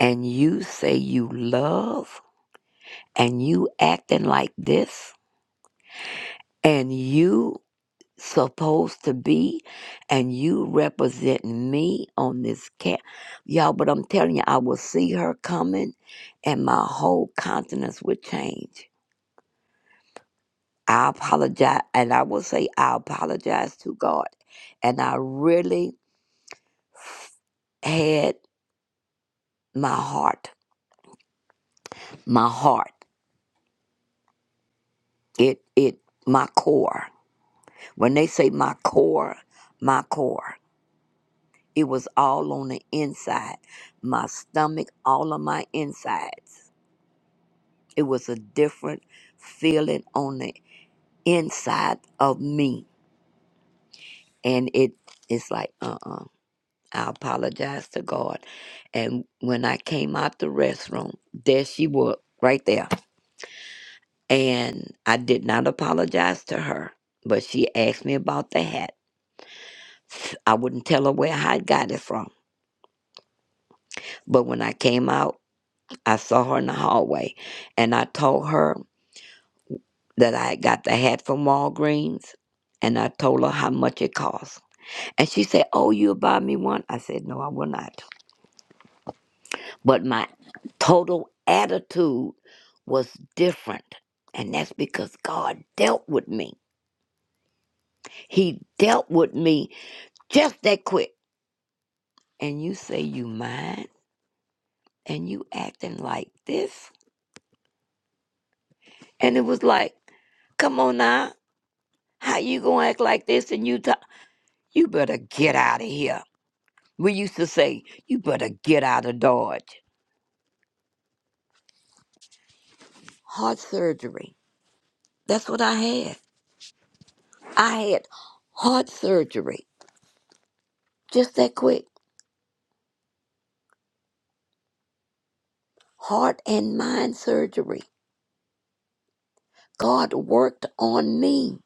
Speaker 9: And you say you love and you acting like this and you supposed to be and you represent me on this cat y'all but i'm telling you i will see her coming and my whole countenance would change I apologize, and I will say I apologize to God. And I really had my heart, my heart, it, it, my core. When they say my core, my core, it was all on the inside, my stomach, all of my insides. It was a different feeling on the inside of me, and it, it's like, uh, uh I apologized to God. And when I came out the restroom, there she was, right there. And I did not apologize to her, but she asked me about the hat. I wouldn't tell her where I got it from. But when I came out, I saw her in the hallway and I told her that I had got the hat from Walgreens and I told her how much it cost. And she said, Oh, you'll buy me one? I said, No, I will not. but my total attitude was different. And that's because God dealt with me. He dealt with me just that quick. And you say you mind and you acting like this? And it was like, come on now, how you gonna act like this and you talk you better get out of here. We used to say, you better get out of Dodge. Heart surgery. That's what I had. I had heart surgery just that quick. heart and mind surgery. God worked on me.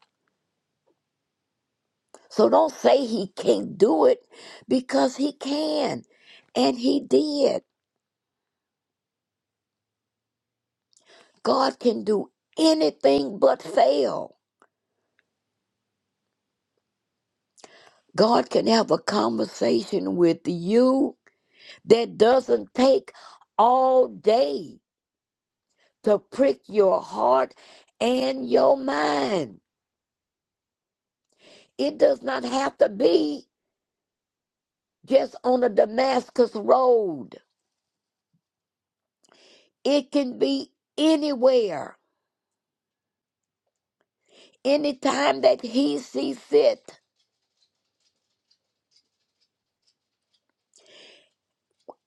Speaker 9: So don't say he can't do it because he can. And he did. God can do anything but fail. God can have a conversation with you that doesn't take all day to prick your heart and your mind. It does not have to be just on the Damascus road. It can be anywhere, anytime that He sees fit.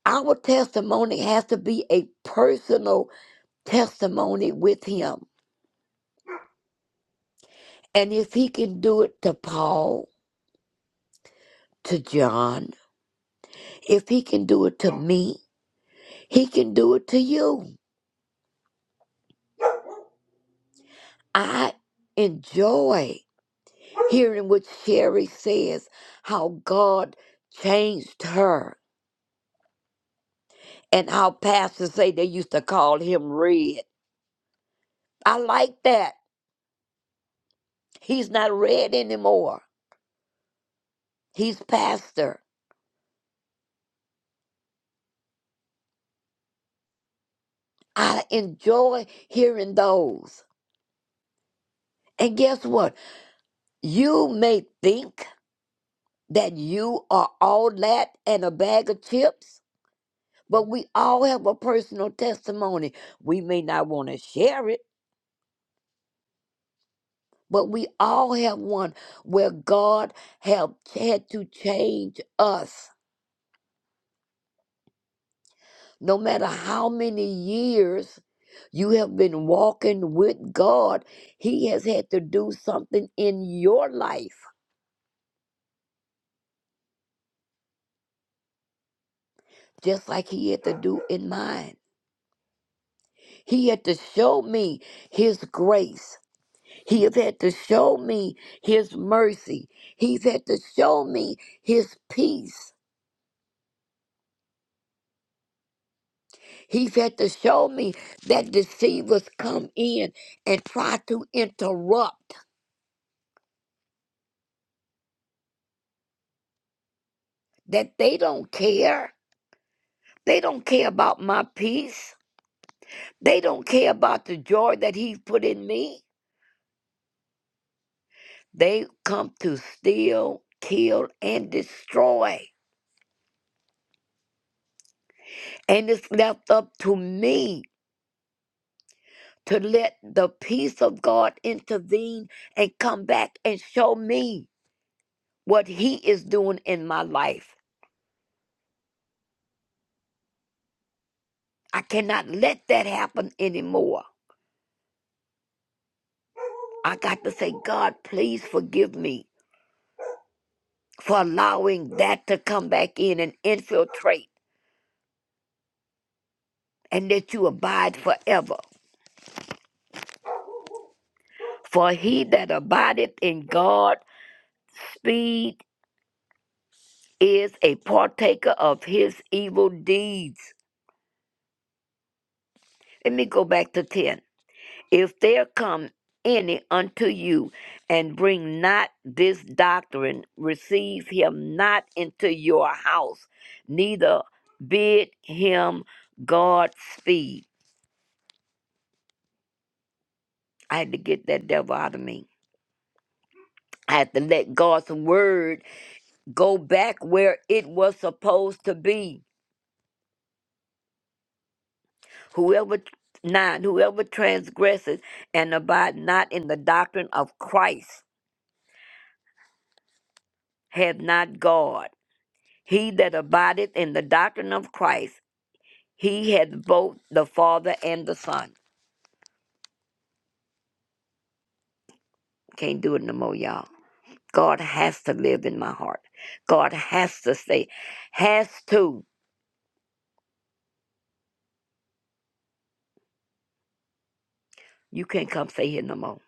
Speaker 9: Our testimony has to be a personal testimony with Him. And if He can do it to Paul, to John, if He can do it to me, He can do it to you. I enjoy hearing what Sherry says, how God changed her, and how pastors say they used to call him Red. I like that He's not read anymore. He's pastor. I enjoy hearing those. And guess what? You may think that you are all that and a bag of chips, but we all have a personal testimony. We may not want to share it, but we all have one where God have had to change us No matter how many years you have been walking with God, He has had to do something in your life, just like He had to do in mine. He had to show me His grace. He has had to show me His mercy. He's had to show me His peace. He's had to show me that deceivers come in and try to interrupt, that they don't care. They don't care about my peace. They don't care about the joy that he's put in me. They come to steal, kill, and destroy. And it's left up to me to let the peace of God intervene and come back and show me what he is doing in my life. I cannot let that happen anymore. I got to say, God, please forgive me for allowing that to come back in and infiltrate and that you abide forever. For he that abideth in God speed is a partaker of his evil deeds. Let me go back to 10. If there come any unto you and bring not this doctrine, receive him not into your house, neither bid him God speed. I had to get that devil out of me. I had to let God's word go back where it was supposed to be Whoever nine, whoever transgresses and abide not in the doctrine of Christ hath not God. He that abideth in the doctrine of Christ, he hath both the Father and the Son. Can't do it no more, y'all. God has to live in my heart. God has to stay. Has to. You can't come stay here no more.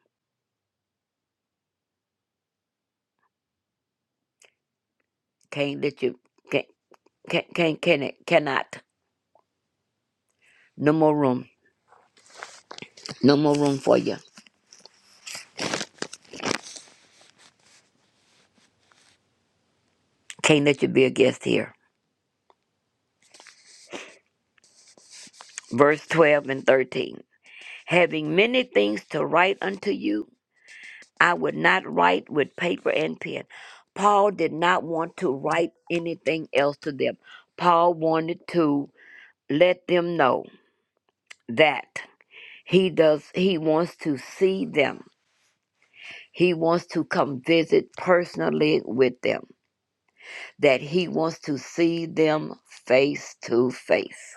Speaker 9: Can't let you can't can't can't can cannot. No more room. No more room for you. Can't let you be a guest here. Verse twelve and thirteen. having many things to write unto you, I would not write with paper and pen. Paul did not want to write anything else to them. Paul wanted to let them know that he does he wants to see them. He wants to come visit personally with them. That he wants to see them face to face.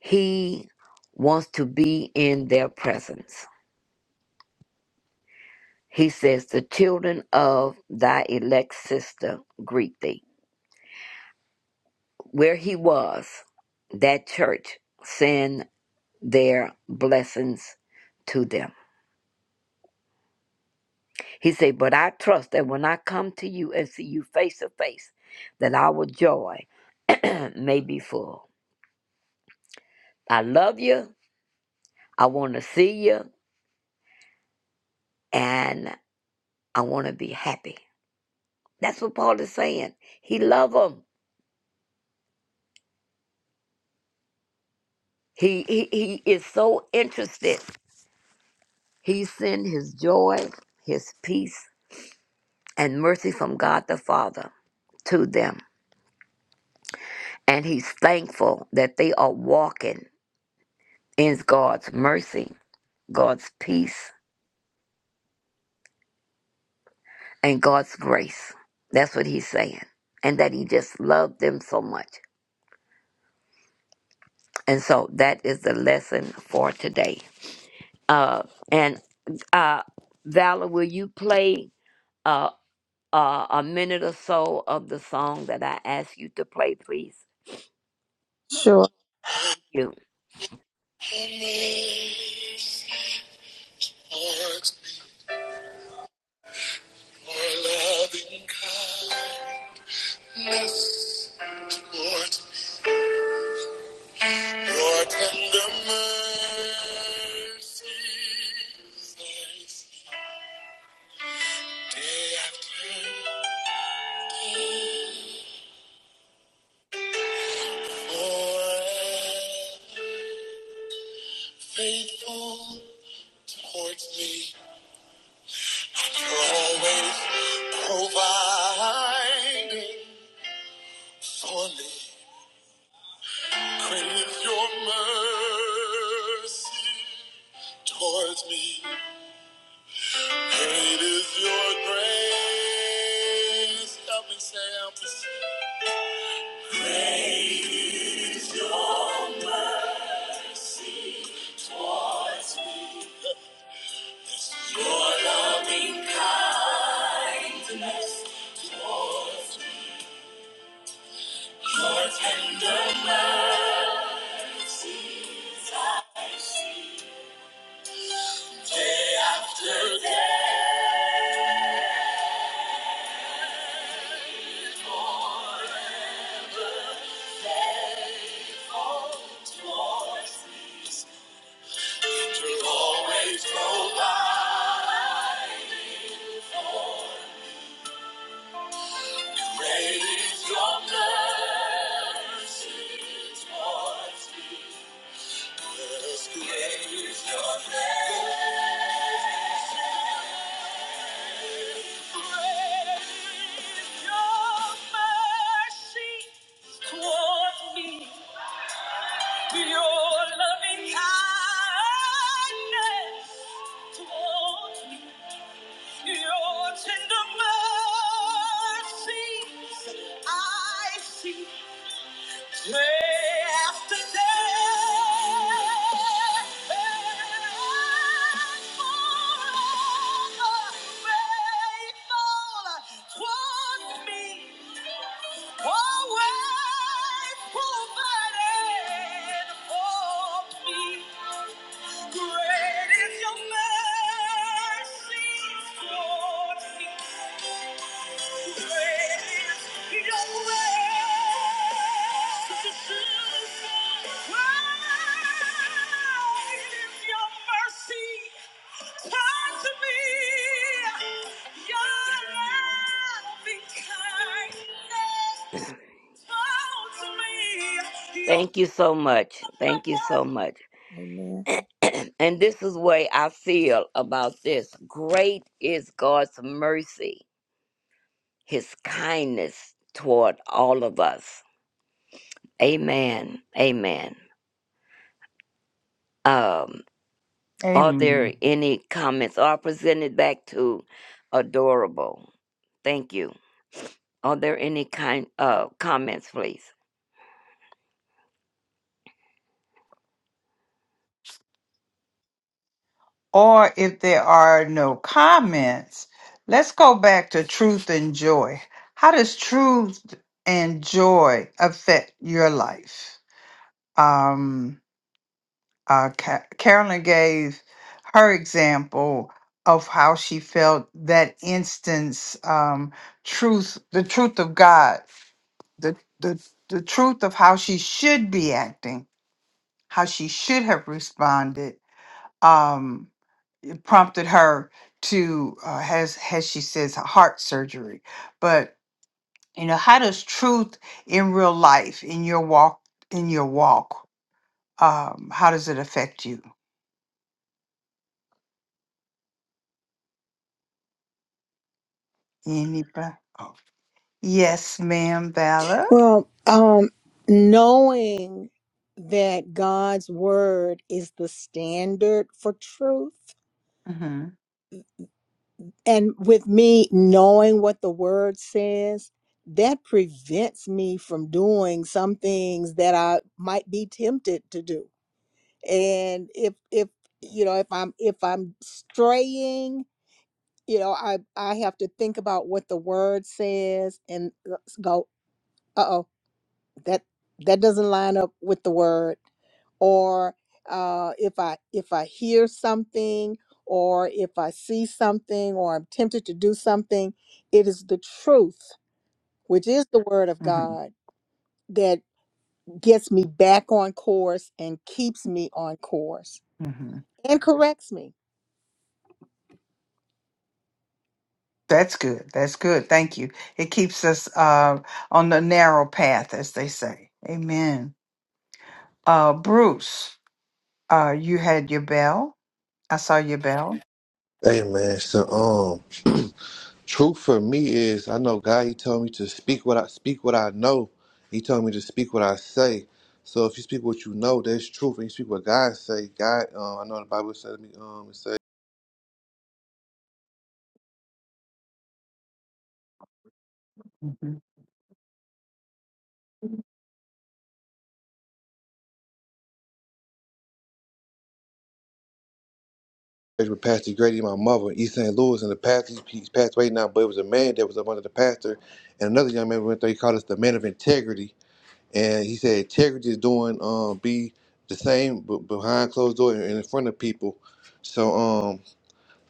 Speaker 9: He wants to be in their presence. He says, The children of thy elect sister greet thee. Where he was, that church send their blessings to them. He said, But I trust that when I come to you and see you face to face, that our joy may be full. I love you. I want to see you. And I want to be happy. That's what Paul is saying. He loves them. He, he, he is so interested He sent his joy, his peace, and mercy from God the Father to them. And he's thankful that they are walking in God's mercy, God's peace, and God's grace. That's what he's saying. And that he just loved them so much. And so that is the lesson for today. Uh, and uh, Valor, will you play uh, uh, a minute or so of the song that I asked you to play, please?
Speaker 1: Sure.
Speaker 9: Thank You.
Speaker 1: Amaze what your loving kindness, Lord, your tender mercies, thanks forever faithful towards me. You're always providing for me. Crave your mercy towards me. Great is your grace. Help me say, help me say. Great is your mercy towards me. Your loving kindness towards me. Your tender mercies are Day after day, towards me, to always provide. Great is your mercy towards me. Yes, your loving kindness towards me. Your tender mercies I see. Day after day, forever faithful toward me. Always provided for me. Great is your mercy towards me. Great is your mercy Great is your mercy towards me. Your loving kindness towards me. Your
Speaker 9: Thank you so much. Thank you so much.
Speaker 1: Amen.
Speaker 9: and this is the way I feel about this. Great is God's mercy, his kindness toward all of us. Amen. Amen. Um, are
Speaker 2: Amen.
Speaker 9: there any comments? Are presented back to adorable. Thank you. Are there any kind uh comments, please?
Speaker 2: or if there are no comments, let's go back to truth and joy. How does truth and joy affect your life? Um, uh, Ca- Carolyn gave her example of how she felt that instance um, truth, the truth of God, the, the, the truth of how she should be acting, how she should have responded. Um, it prompted her to uh, has has she says heart surgery but you know how does truth in real life in your walk in your walk um how does it affect you anybody oh. yes ma'am vala
Speaker 1: Well, um, knowing that God's word is the standard for truth,
Speaker 2: mm-hmm,
Speaker 1: and with me knowing what the word says, that prevents me from doing some things that I might be tempted to do. And if if you know if I'm if I'm straying, you know I I have to think about what the word says and go. Uh oh. that that doesn't line up with the word or uh, if i if i hear something or if i see something or i'm tempted to do something it is the truth which is the word of
Speaker 2: mm-hmm,
Speaker 1: god that gets me back on course and keeps me on course
Speaker 2: mm-hmm.
Speaker 1: and corrects me
Speaker 2: that's good that's good thank you it keeps us uh on the narrow path as they say amen uh bruce uh you had your bell i saw your bell
Speaker 10: Hey man, so um, truth for me is I know God. He told me to speak what I speak what I know. He told me to speak what I say. So if you speak what you know, that's truth. And you speak what God say. God, um, I know the Bible said to me, um, it say
Speaker 2: Mm-hmm.
Speaker 10: with Pastor Grady, my mother, East St. Louis, and the pastor he's passed away now. But it was a man that was up under the pastor, and another young man went there. He called us the man of integrity, and he said integrity is doing um be the same but behind closed door and in front of people. So um.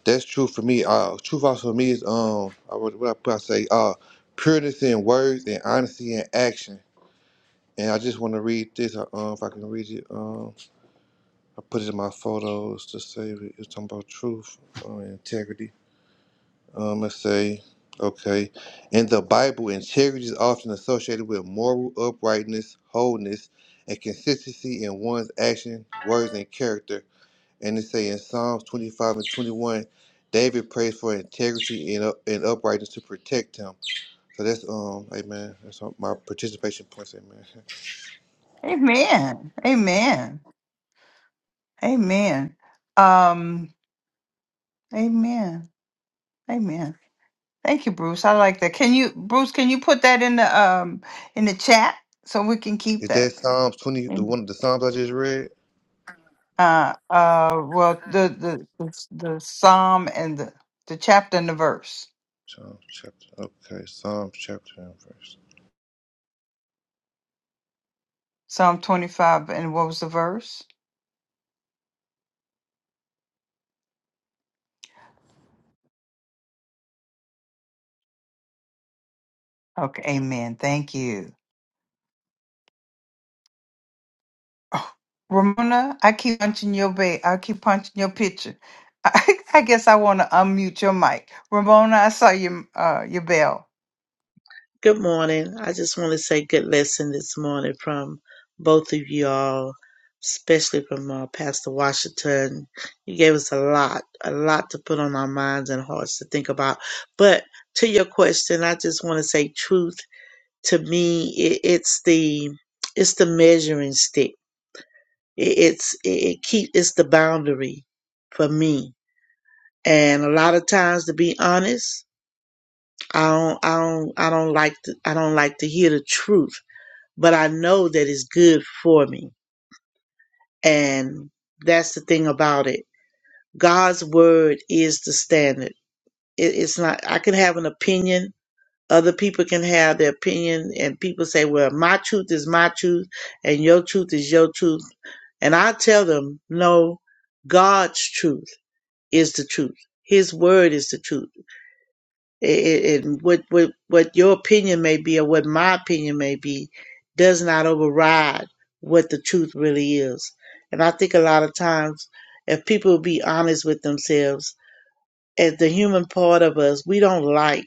Speaker 10: That's true for me. Uh, truth also for me is um, I would what I put I say uh, pureness in words and honesty in action. And I just want to read this. Uh, um, if I can read it, um, I put it in my photos to save it. It's talking about truth, uh, integrity. Um, let's say, okay, in the Bible, integrity is often associated with moral uprightness, wholeness, and consistency in one's action, words, and character. And it say in Psalms 25 and 21, David prays for integrity and, up, and uprightness to protect him. So that's um, amen. That's all my participation points, amen.
Speaker 2: Amen. Amen. Amen. Um, amen. Amen. Thank you, Bruce. I like that. Can you, Bruce, can you put that in the um in the chat so we can keep
Speaker 10: Is that
Speaker 2: that?
Speaker 10: Psalms 20, the
Speaker 2: Amen.
Speaker 10: one the Psalms I just read?
Speaker 2: Uh uh well the the the, the psalm and the, the chapter and the verse.
Speaker 10: Psalms chapter. Okay, Psalms chapter and verse.
Speaker 2: Psalm twenty five and what was the verse? Okay, amen. Thank you. Oh, Ramona, I keep punching your bait. I keep punching your picture. I, guess I want to unmute your mic. Ramona, I saw your uh, your bell.
Speaker 11: Good morning. I just want to say good lesson this morning from both of you all, especially from uh, Pastor Washington. You gave us a lot, a lot to put on our minds and hearts to think about. But to your question, I just want to say truth to me. It, it's the, it's the measuring stick. It, it's, it, it keep, it's the boundary for me. And a lot of times, to be honest, I don't, I don't, I don't like, to, I don't like to hear the truth but I know that it's good for me. And that's the thing about it. God's word is the standard. It, it's not, I can have an opinion. Other people can have their opinion and people say, well, my truth is my truth and your truth is your truth. And I tell them, no, God's truth is the truth. His word is the truth. it, it, it what what what your opinion may be or what my opinion may be does not override what the truth really is. And I think a lot of times, if people would be honest with themselves, as the human part of us, we don't like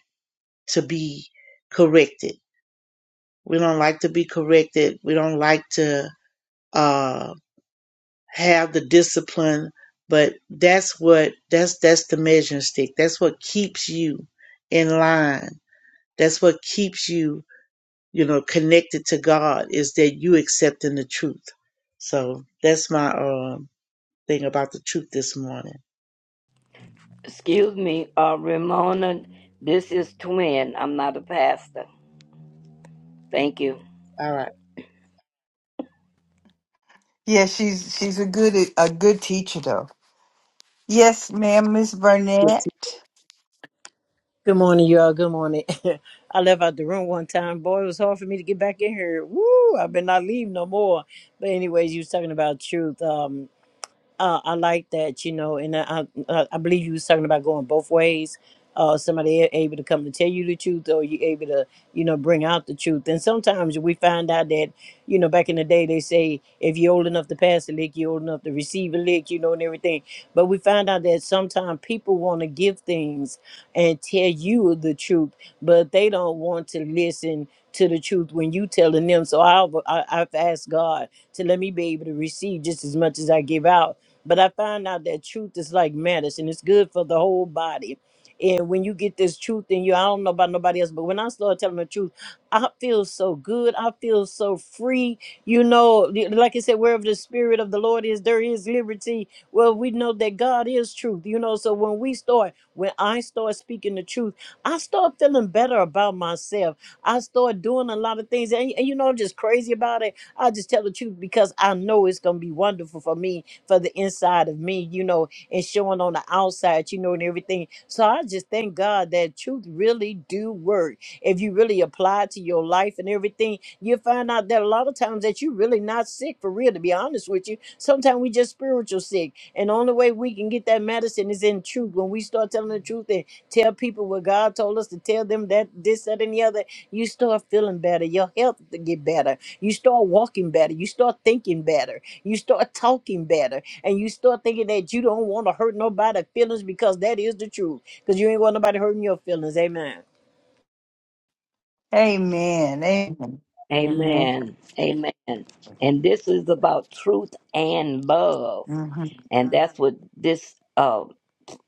Speaker 11: to be corrected. We don't like to be corrected. We don't like to uh, have the discipline. But that's what that's that's the measuring stick. That's what keeps you in line. That's what keeps you you know, connected to God is that you accepting the truth. So that's my um thing about the truth this morning.
Speaker 9: Excuse me, uh Ramona, this is twin. I'm not a pastor. Thank you.
Speaker 11: All right.
Speaker 2: Yeah, she's she's a good a good teacher though. Yes, ma'am, Miss Burnett.
Speaker 12: Good morning, y'all. Good morning. I left out the room one time. Boy, it was hard for me to get back in here. Woo! I better not leave no more. But anyways, you was talking about truth. Um. Uh, I like that, you know, and I, I, I believe you was talking about going both ways. Uh, somebody a- able to come to tell you the truth, or you able to, you know, bring out the truth. And sometimes we find out that, you know, back in the day they say if you're old enough to pass a lick, you're old enough to receive a lick, you know, and everything. But we find out that sometimes people want to give things and tell you the truth, but they don't want to listen to the truth when you telling them. So I've, I, I've asked God to let me be able to receive just as much as I give out but I found out that truth is like medicine. It's good for the whole body. And when you get this truth in you, I don't know about nobody else, but when I started telling the truth, I feel so good. I feel so free. You know, like I said, wherever the spirit of the Lord is, there is liberty. Well, we know that God is truth, you know. So when we start, when I start speaking the truth, I start feeling better about myself. I start doing a lot of things. And, and you know, I'm just crazy about it. I just tell the truth because I know it's going to be wonderful for me for the inside of me, you know, and showing on the outside, you know, and everything. So I just thank God that truth really do work. If you really apply to your life and everything, you find out that a lot of times that you're really not sick for real, to be honest with you. Sometimes we just spiritual sick. And the only way we can get that medicine is in truth. When we start telling the truth and tell people what God told us to tell them that this, that, and the other, you start feeling better. Your health to get better. You start walking better. You start thinking better you start talking better and you start thinking that you don't want to hurt nobody's feelings because that is the truth. Because you ain't want nobody hurting your feelings. Amen.
Speaker 2: Amen. Amen. Amen.
Speaker 9: Amen. Amen. And this is about truth and love.
Speaker 2: hmm
Speaker 9: And that's what this uh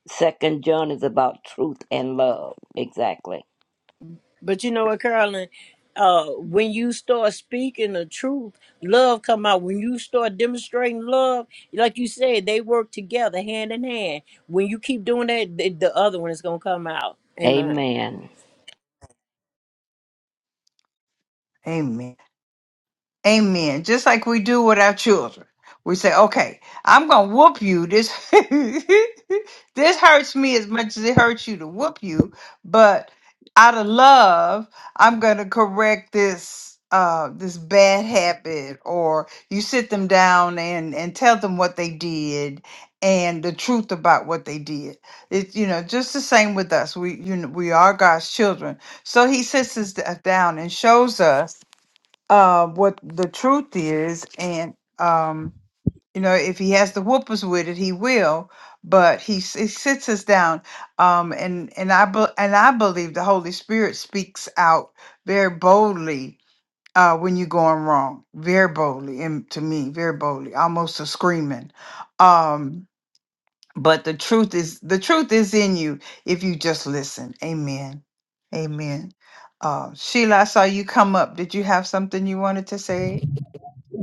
Speaker 9: second John is about truth and love. Exactly.
Speaker 12: But you know what, Carolyn? Uh, when you start speaking the truth, love come out. When you start demonstrating love, like you said, they work together hand in hand. When you keep doing that, the, the other one is gonna come out. Amen.
Speaker 9: Amen.
Speaker 2: Amen. Amen. Just like we do with our children. We say, okay, I'm going to whoop you. This, this hurts me as much as it hurts you to whoop you. But out of love, I'm going to correct this. Uh, this bad habit or you sit them down and and tell them what they did and the truth about what they did it's you know just the same with us we you know we are god's children so he sits us d- down and shows us uh, what the truth is, and um, you know, if he has the whoopers with it, he will. But he, s- he sits us down, um, and and I be, and I believe the Holy Spirit speaks out very boldly uh, when you're going wrong, very boldly, and to me, very boldly, almost a screaming. Um, but the truth is, the truth is in you if you just listen. Amen. Amen. Uh, Sheila, I saw you come up. Did you have something you wanted to say?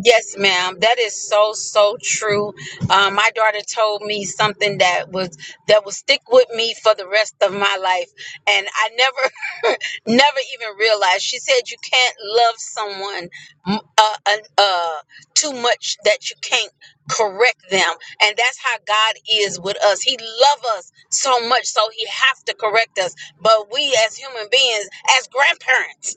Speaker 13: Yes, ma'am. That is so so true. Um, my daughter told me something that was that will stick with me for the rest of my life, and I never never even realized. She said you can't love someone mm, uh, uh, uh, too much that you can't correct them, and that's how God is with us. He loves us so much, so He has to correct us. But we as human beings, as grandparents.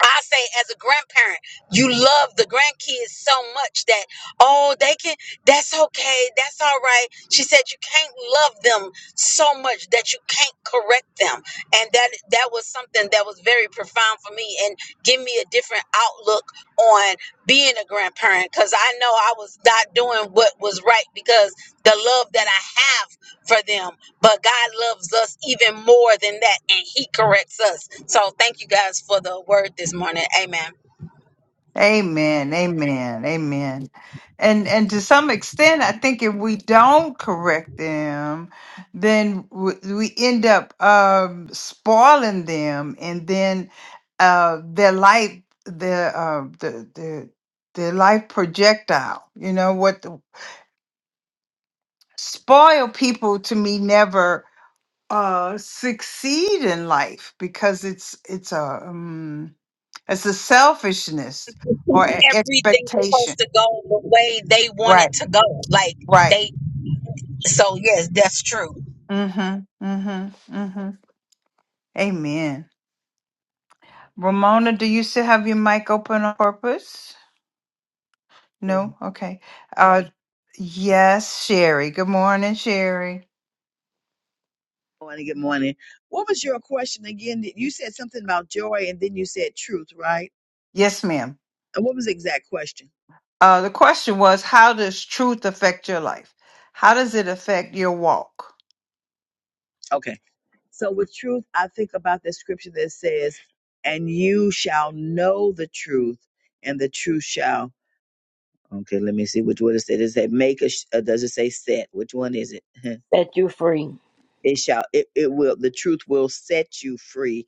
Speaker 13: I say as a grandparent, you love the grandkids so much that oh they can that's okay, that's all right. She said you can't love them so much that you can't correct them. And that that was something that was very profound for me and give me a different outlook on being a grandparent cuz I know I was not doing what was right because the love that I have for them but God loves us even more than that, and He corrects us. So thank you guys for the word this morning. Amen.
Speaker 2: Amen. Amen. Amen. And and to some extent, I think if we don't correct them, then w- we end up um, spoiling them, and then uh, their life, their uh, the the their life projectile. You know what? the- Spoil people to me never uh, succeed in life because it's it's a um, it's a selfishness or an
Speaker 13: Everything's
Speaker 2: expectation.
Speaker 13: supposed to go the way they want
Speaker 2: Right.
Speaker 13: it to go. Like
Speaker 2: Right.
Speaker 13: they so yes, that's true.
Speaker 2: Mm-hmm. Mm-hmm. Mm-hmm. Amen. Ramona, do you still have your mic open on purpose? No? Okay. Uh yes, Sherry. Good morning, Sherry.
Speaker 6: morning. Good morning. What was your question again? Did- You said something about joy and then you said truth, right?
Speaker 2: Yes, ma'am.
Speaker 6: And what was the exact question?
Speaker 2: Uh the question was how does truth affect your life? How does it affect your walk?
Speaker 6: Okay. So with truth, I think about the scripture that says, and you shall know the truth and the truth shall. Okay. Let me see which one it said. Does it say make a, sh- uh, does it say set? Which one is it?
Speaker 9: Set you free.
Speaker 6: it shall, it, it will, the truth will set you free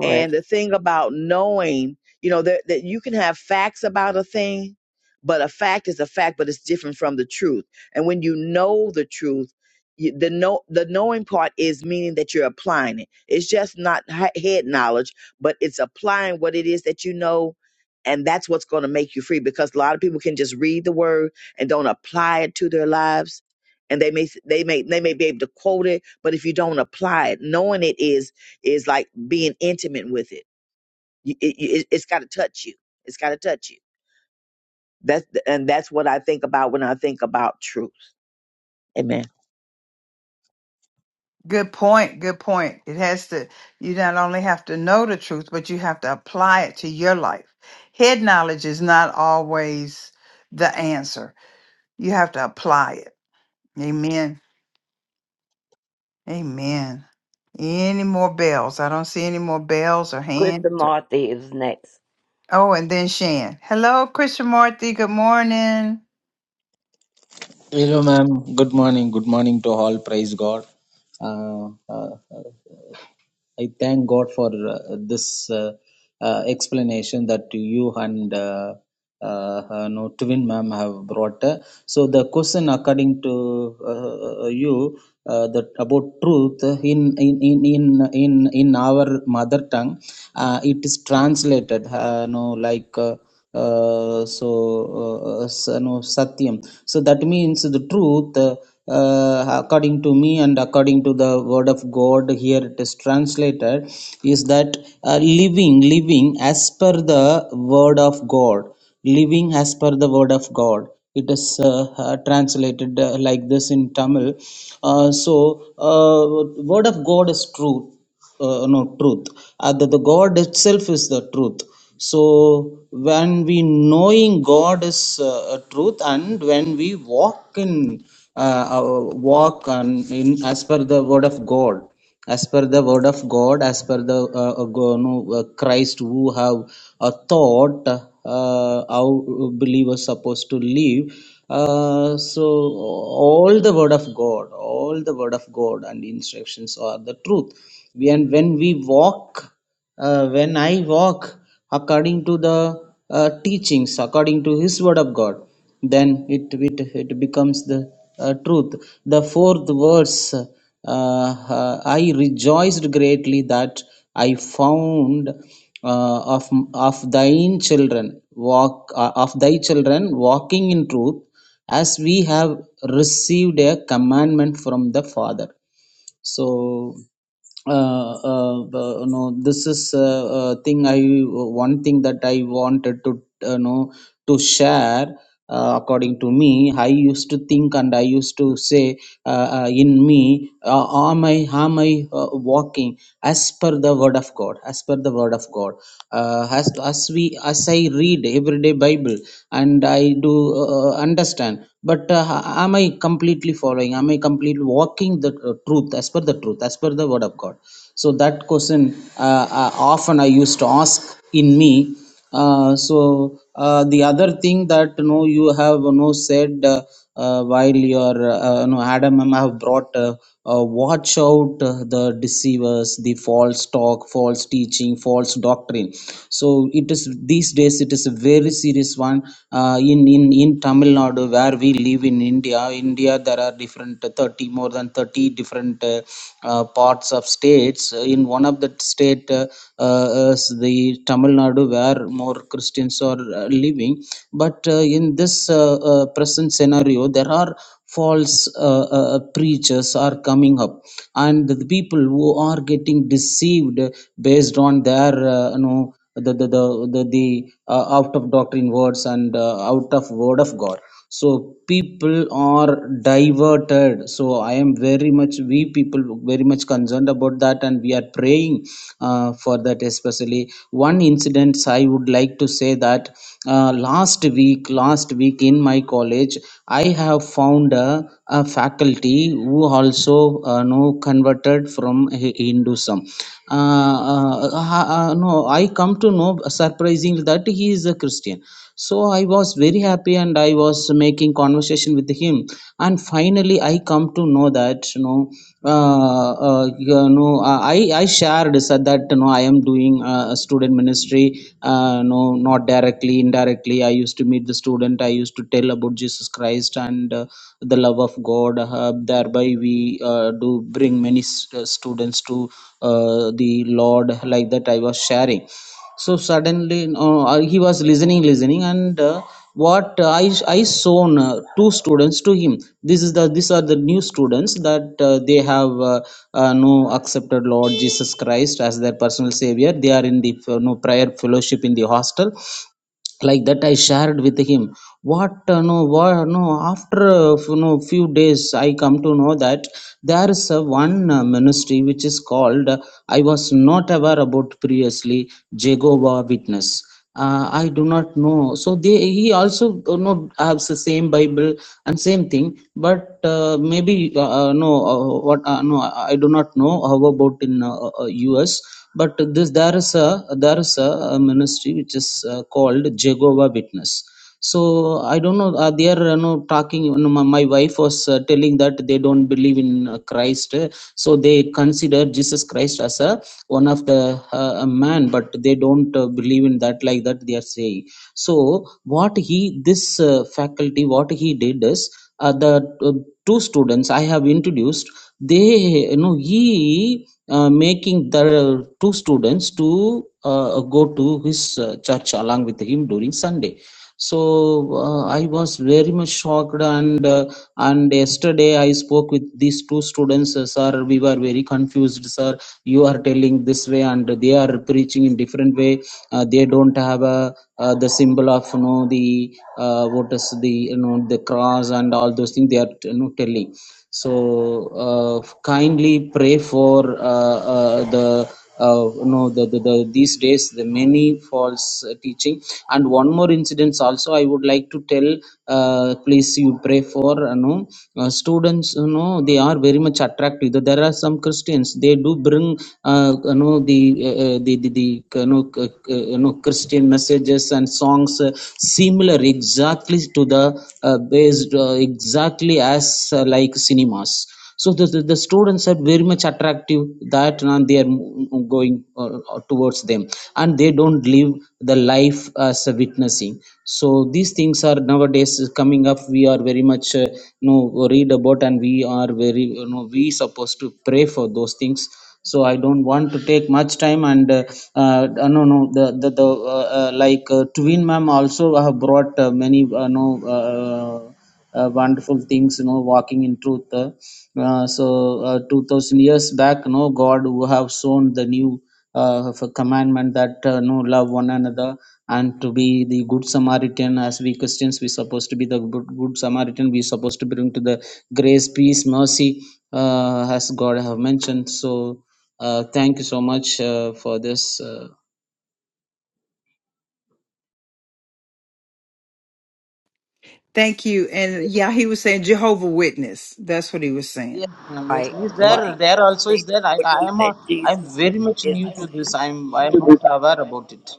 Speaker 6: And the thing about knowing, you know, that, that you can have facts about a thing, but a fact is a fact, but it's different from the truth. And when you know the truth, you, the know the knowing part is meaning that you're applying it. It's just not he- head knowledge, but it's applying what it is that you know, and that's what's going to make you free. Because a lot of people can just read the word and don't apply it to their lives, and they may they may they may be able to quote it, but if you don't apply it, knowing it is is like being intimate with it. You- It, it, it's got to touch you. It's got to touch you. That's and that's what I think about when I think about truth. Amen.
Speaker 2: Good point. Good point. It has to you not only have to know the truth, but you have to apply it to your life. Head knowledge is not always the answer. You have to apply it. Amen. Amen. Any more bells? I don't see any more bells or
Speaker 9: Krista
Speaker 2: hands.
Speaker 9: Marthy is next.
Speaker 2: Oh, and then Shan. Hello, Christian Marthy. Good morning.
Speaker 14: Hello, ma'am. Good morning. Good morning to all. Praise God. Uh, uh, uh, I thank God for uh, this uh, uh, explanation that you and uh, uh, uh, no twin ma'am have brought. So the question, according to uh, uh, you, uh, that about truth in in in in in, in our mother tongue, uh, it is translated. Uh, no, like. Uh, uh, so uh, s- no, satyam so that means the truth uh, uh, according to me and according to the word of god here it is translated is that uh, living living as per the word of god living as per the word of god it is uh, uh, translated uh, like this in tamil uh, so uh, word of god is truth uh, no truth uh, the, the god itself is the truth so when we knowing god is uh, a truth and when we walk in uh, our walk and in as per the word of god as per the word of god as per the uh, uh, go- no, uh, christ who have a thought uh, how believers supposed to live uh, so all the word of god all the word of god and instructions are the truth we, and when we walk uh, when I walk according to the uh, teachings, according to His Word of God, then it it, it becomes the uh, truth. The fourth verse, uh, uh, I rejoiced greatly that I found uh, of of thine children walk uh, of thy children walking in truth, as we have received a commandment from the Father so uh, uh, uh, you know this is uh, uh, thing i one thing that i wanted to uh, know to share uh, according to me i used to think and i used to say uh, uh, in me uh, am i am i uh, walking as per the word of god as per the word of god uh, as as we as i read everyday bible and i do uh, uh, understand but uh, am i completely following am i completely walking the uh, truth as per the truth as per the word of god so that question uh, uh, often i used to ask in me uh, so uh, the other thing that you know you have you know said uh, uh, while your uh, you know adam ma'am have brought uh, uh, watch out uh, the deceivers the false talk false teaching false doctrine so it is these days it is a very serious one uh, in in in tamil nadu where we live in india india there are different uh, 30 more than than 30 different uh, uh, parts of states. In one of the state, uh, uh, the Tamil Nadu, where more Christians are uh, living. But uh, in this uh, uh, present scenario, there are false uh, uh, uh, preachers are coming up and the people who are getting deceived based on their uh, you know the the the the, the uh, out of doctrine words and uh, out of word of god so people are diverted so i am very much we people very much concerned about that and we are praying uh, for that especially one incident i would like like to say that uh, last week, last week in my college, I have found a, a faculty who also uh, know converted from Hi- Hinduism. Uh, uh, uh, uh, no, I come to know surprisingly that he is a Christian so i was very happy and i was making conversation with him and finally i come to know that you know uh, uh, you know uh, i i shared said that you know i am doing uh, student ministry uh, no not directly indirectly i used to meet the student i used to tell about jesus christ and uh, the love of god uh, thereby we uh, do bring many s- uh, students to uh, the lord like that i was sharing so suddenly no, uh, he was listening listening and uh, what uh, i i shown uh, two students to him this is the these are the new students that uh, they have uh, uh, no accepted lord jesus christ as their personal savior they are in the uh, no prayer fellowship in the hostel like that i shared with him what uh, no what no after uh, f- no few days i come to know that there is a one uh, ministry which is called uh, i was not aware about previously jehovah witness uh, i do not know so they he also you know has the same bible and same thing but uh, maybe uh, uh, no uh, what uh, no i do not know how about in uh, uh, us but this there is a there is a, uh, ministry which is uh, called jehovah witness so I don't know. Uh, they are you know, talking. You know, my, my wife was uh, telling that they don't believe in uh, Christ, uh, so they consider Jesus Christ as a one of the uh, a man, but they don't uh, believe in that like that. They are saying. So what he this uh, faculty what he did is uh, the uh, two students I have introduced. They you know he. Uh, making the two students to uh, go to his uh, church along with him during Sunday so uh, I was very much shocked, and uh, and yesterday I spoke with these two students, uh, sir. We were very confused, sir. You are telling this way, and they are preaching in different way. Uh, they don't have a uh, the symbol of you know the uh, what is the you know the cross and all those things they are you know telling so uh, kindly pray for uh, uh, the uh, you know the, the, the these days the many false uh, teaching and one more incidents also i would like to tell uh, please you pray for you know uh, students you know know they are very much attractive there are some christians they do bring uh, you know the uh, uh, the the, the you, know, c- you know christian messages and songs uh, similar exactly to the uh, based uh, exactly as uh, like cinemas so the, the, the students are very much attractive that uh, they are m- going uh, uh, towards them and they don't live the life as a witnessing. So these things are nowadays coming up. We are very much uh, you know read about and we are very you know we supposed to pray for those things. So I don't want to take much time and uh, uh, no no the the, the uh, uh, like uh, twin ma'am also have brought uh, many uh, no. Uh, uh, wonderful things you know walking in truth uh, uh, so uh, 2000 years back you know god who have shown the new uh, f- commandment that uh, no love one another and to be the good samaritan as we christians we supposed to be the good, good samaritan we supposed to bring to the grace peace mercy uh, as god have mentioned so uh, thank you so much uh, for this uh,
Speaker 2: Thank you. And yeah, he was saying Jehovah Witness. That's what he was saying.
Speaker 14: Yeah, Yes, ma'am. Yes,
Speaker 9: Right,
Speaker 14: is
Speaker 9: right.
Speaker 14: there? There
Speaker 9: And
Speaker 14: also
Speaker 9: they
Speaker 14: is there. I,
Speaker 9: don't
Speaker 14: I
Speaker 9: believe
Speaker 14: am.
Speaker 9: that
Speaker 14: A, I'm
Speaker 9: Jesus
Speaker 14: very much
Speaker 9: is
Speaker 14: new
Speaker 9: the
Speaker 14: to
Speaker 9: Savior.
Speaker 14: this. I'm. I'm not aware about it.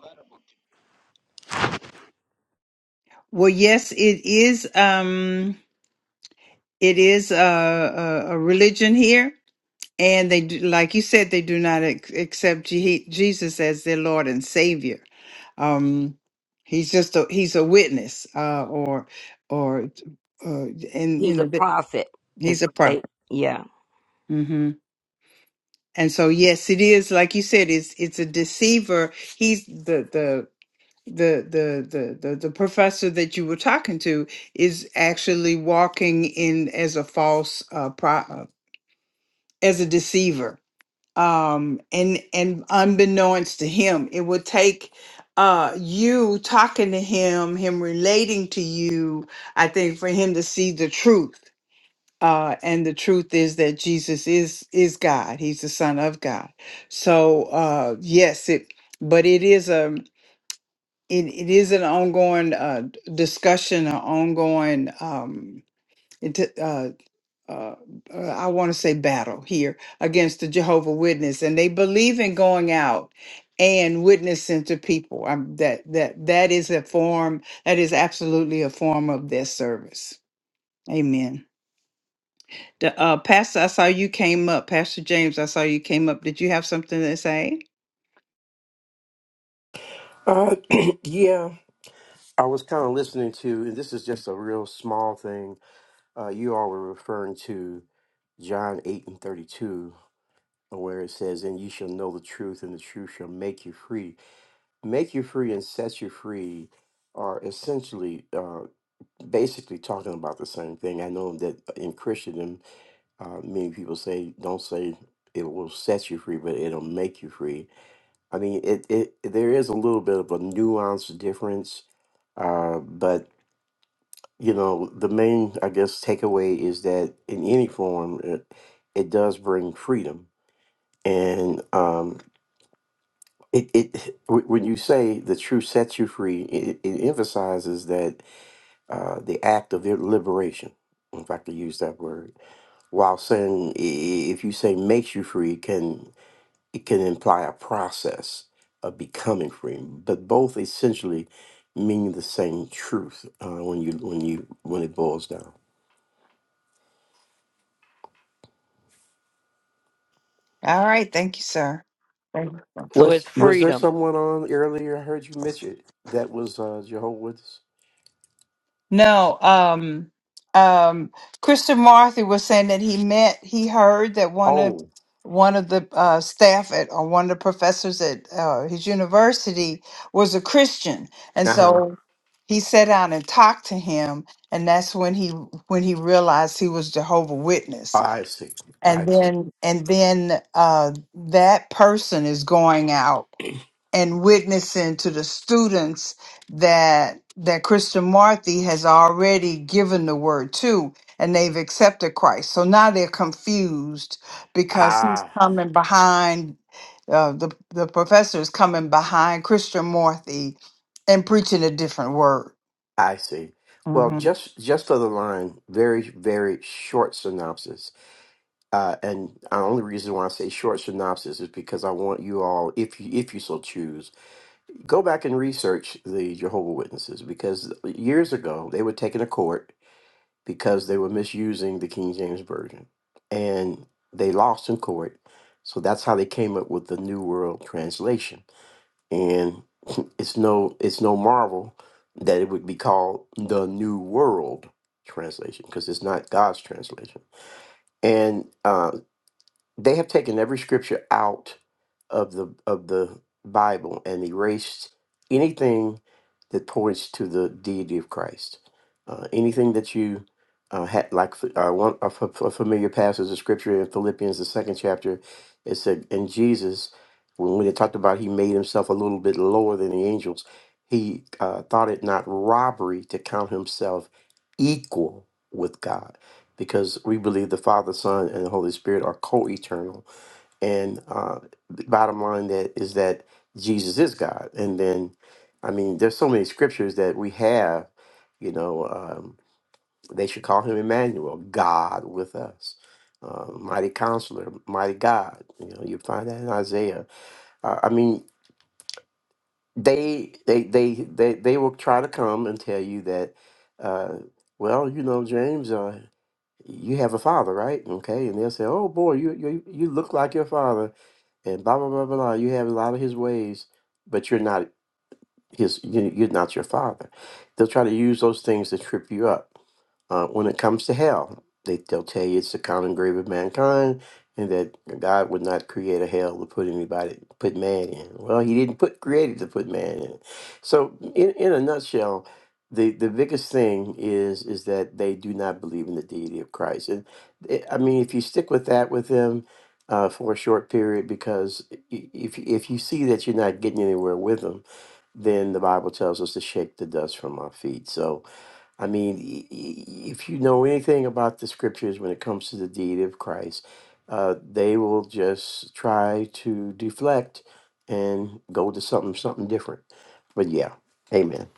Speaker 2: Well, yes, it is. Um, it is a, a, a religion here, and they do, like you said, they do not ac- accept Je- Jesus as their Lord and Savior. um he's just a he's a witness uh or or uh and you
Speaker 9: he's a
Speaker 2: know that
Speaker 9: prophet. Is
Speaker 2: he's a
Speaker 9: what they
Speaker 2: prophet
Speaker 9: yeah.
Speaker 2: hmm and so yes it is like you said it's it's a deceiver he's the the the the the the, the professor that you were talking to is actually walking in as a false uh, pro- uh as a deceiver um and and unbeknownst to him it would take uh you talking to him him relating to you i think for him to see the truth uh and the truth is that jesus is is god he's the son of god so uh yes it but it is a it, it is an ongoing uh discussion an ongoing um uh, uh, I want to say battle here against the Jehovah Witness, and they believe in going out and witnessing to people. Um that that that is a form that is absolutely a form of their service. Amen. The, uh, Pastor, I saw you came up. Pastor James, I saw you came up. Did you have something to say?
Speaker 15: Uh, yeah, I was kind of listening to, and this is just a real small thing. Uh, you all were referring to John 8 and 32, where it says, And you shall know the truth, and the truth shall make you free. Make you free and set you free are essentially uh, basically talking about the same thing. I know that in Christendom, uh, many people say, Don't say it will set you free, but it'll make you free. I mean, it, it there is a little bit of a nuanced difference Uh, but you know, the main, I guess, takeaway is that in any form, it, it does bring freedom, and um, it it wh- when you say the truth sets you free, it, it emphasizes that uh, the act of liberation, if I could use that word, while saying i- i- if you say makes you free, can it can imply a process of becoming free, but both essentially mean the same truth uh, when you when you when it boils down.
Speaker 2: All right. Thank you, sir. Thank you. sir.
Speaker 9: So it's
Speaker 15: Was was there
Speaker 9: freedom.
Speaker 15: someone on earlier? I heard you mention it, that was uh, Jehovah's Witness.
Speaker 2: No, um, um, Christian Marthy was saying that he met, he heard that one of
Speaker 15: Oh,
Speaker 2: one of the uh, staff at or one of the professors at uh, his university was a Christian, and
Speaker 15: uh huh.
Speaker 2: so he sat down and talked to him, and that's when he when he realized he was Jehovah Witness,
Speaker 15: I see. I
Speaker 2: and
Speaker 15: see.
Speaker 2: then and then uh, that person is going out. and witnessing to the students that that Christian Marthy has already given the word to and they've accepted Christ. So now they're confused because he's
Speaker 15: Ah,
Speaker 2: coming behind uh, the the professor is coming behind Christian Marthy and preaching a different word.
Speaker 15: I see. Well,
Speaker 2: Mm-hmm.
Speaker 15: just just to the line, very very short synopsis. Uh, and the only reason why I say short synopsis is because I want you all, if you if you so choose, go back and research the Jehovah Witnesses because years ago they were taken to court because they were misusing the King James Version. And they lost in court. So that's how they came up with the New World Translation. And it's no it's no marvel that it would be called the New World Translation, because it's not God's translation. And uh, they have taken every scripture out of the of the Bible and erased anything that points to the deity of Christ. Uh, anything that you uh, had, like uh, one a, f- a familiar passage of scripture in Philippians, the second chapter, it said, "And Jesus, when we it talked about he made himself a little bit lower than the angels, he uh, thought it not robbery to count himself equal with God." because we believe the Father, Son, and the Holy Spirit are co-eternal. And uh, the bottom line that is that Jesus is God. And then, I mean, there's so many scriptures that we have. You know, um, they should call him Emmanuel, God with us. Uh, mighty counselor, mighty God. You know, you find that in Isaiah. Uh, I mean, they, they, they, they, they will try to come and tell you that, uh, well, you know, James. Uh, you have a father, right? Okay, and they'll say, "Oh boy, you you you look like your father," and blah blah blah blah. blah. You have a lot of his ways, but you're not his you, you're not your father they'll try to use those things to trip you up uh, when it comes to hell they, they'll tell you it's the common grave of mankind and that god would not create a hell to put anybody put man in well he didn't put create it to put man in so in, in a nutshell the, the biggest thing is is that they do not believe in the deity of christ and eh, i mean if you stick with that with them uh, for a short period because i- i- if, if you see that you're not getting anywhere with them then the Bible tells us to shake the dust from our feet. So, I mean, i- i- if you know anything about the scriptures when it comes to the deed of Christ, uh, they will just try to deflect and go to something something different. But yeah, amen.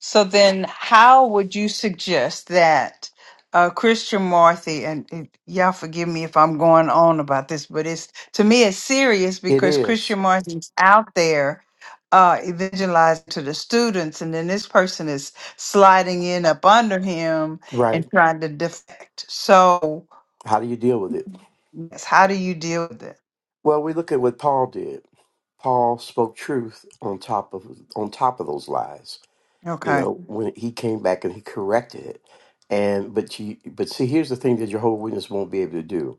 Speaker 2: So then, how would you suggest that uh, Christian Marthy and and y'all forgive me if I'm going on about this, but it's to me it's serious
Speaker 15: It
Speaker 2: because
Speaker 15: is
Speaker 2: Christian Marthy's out there uh, evangelizing to the students, and then this person is sliding in up under him
Speaker 15: right.
Speaker 2: and trying to defect. So,
Speaker 15: How do you deal with it?
Speaker 2: yes, how do you deal with it?
Speaker 15: Well, we look at what Paul did. Paul spoke truth on top of on top of those lies you
Speaker 2: Okay,
Speaker 15: know when he came back and he corrected it and but you but see here's the thing that jehovah witness won't be able to do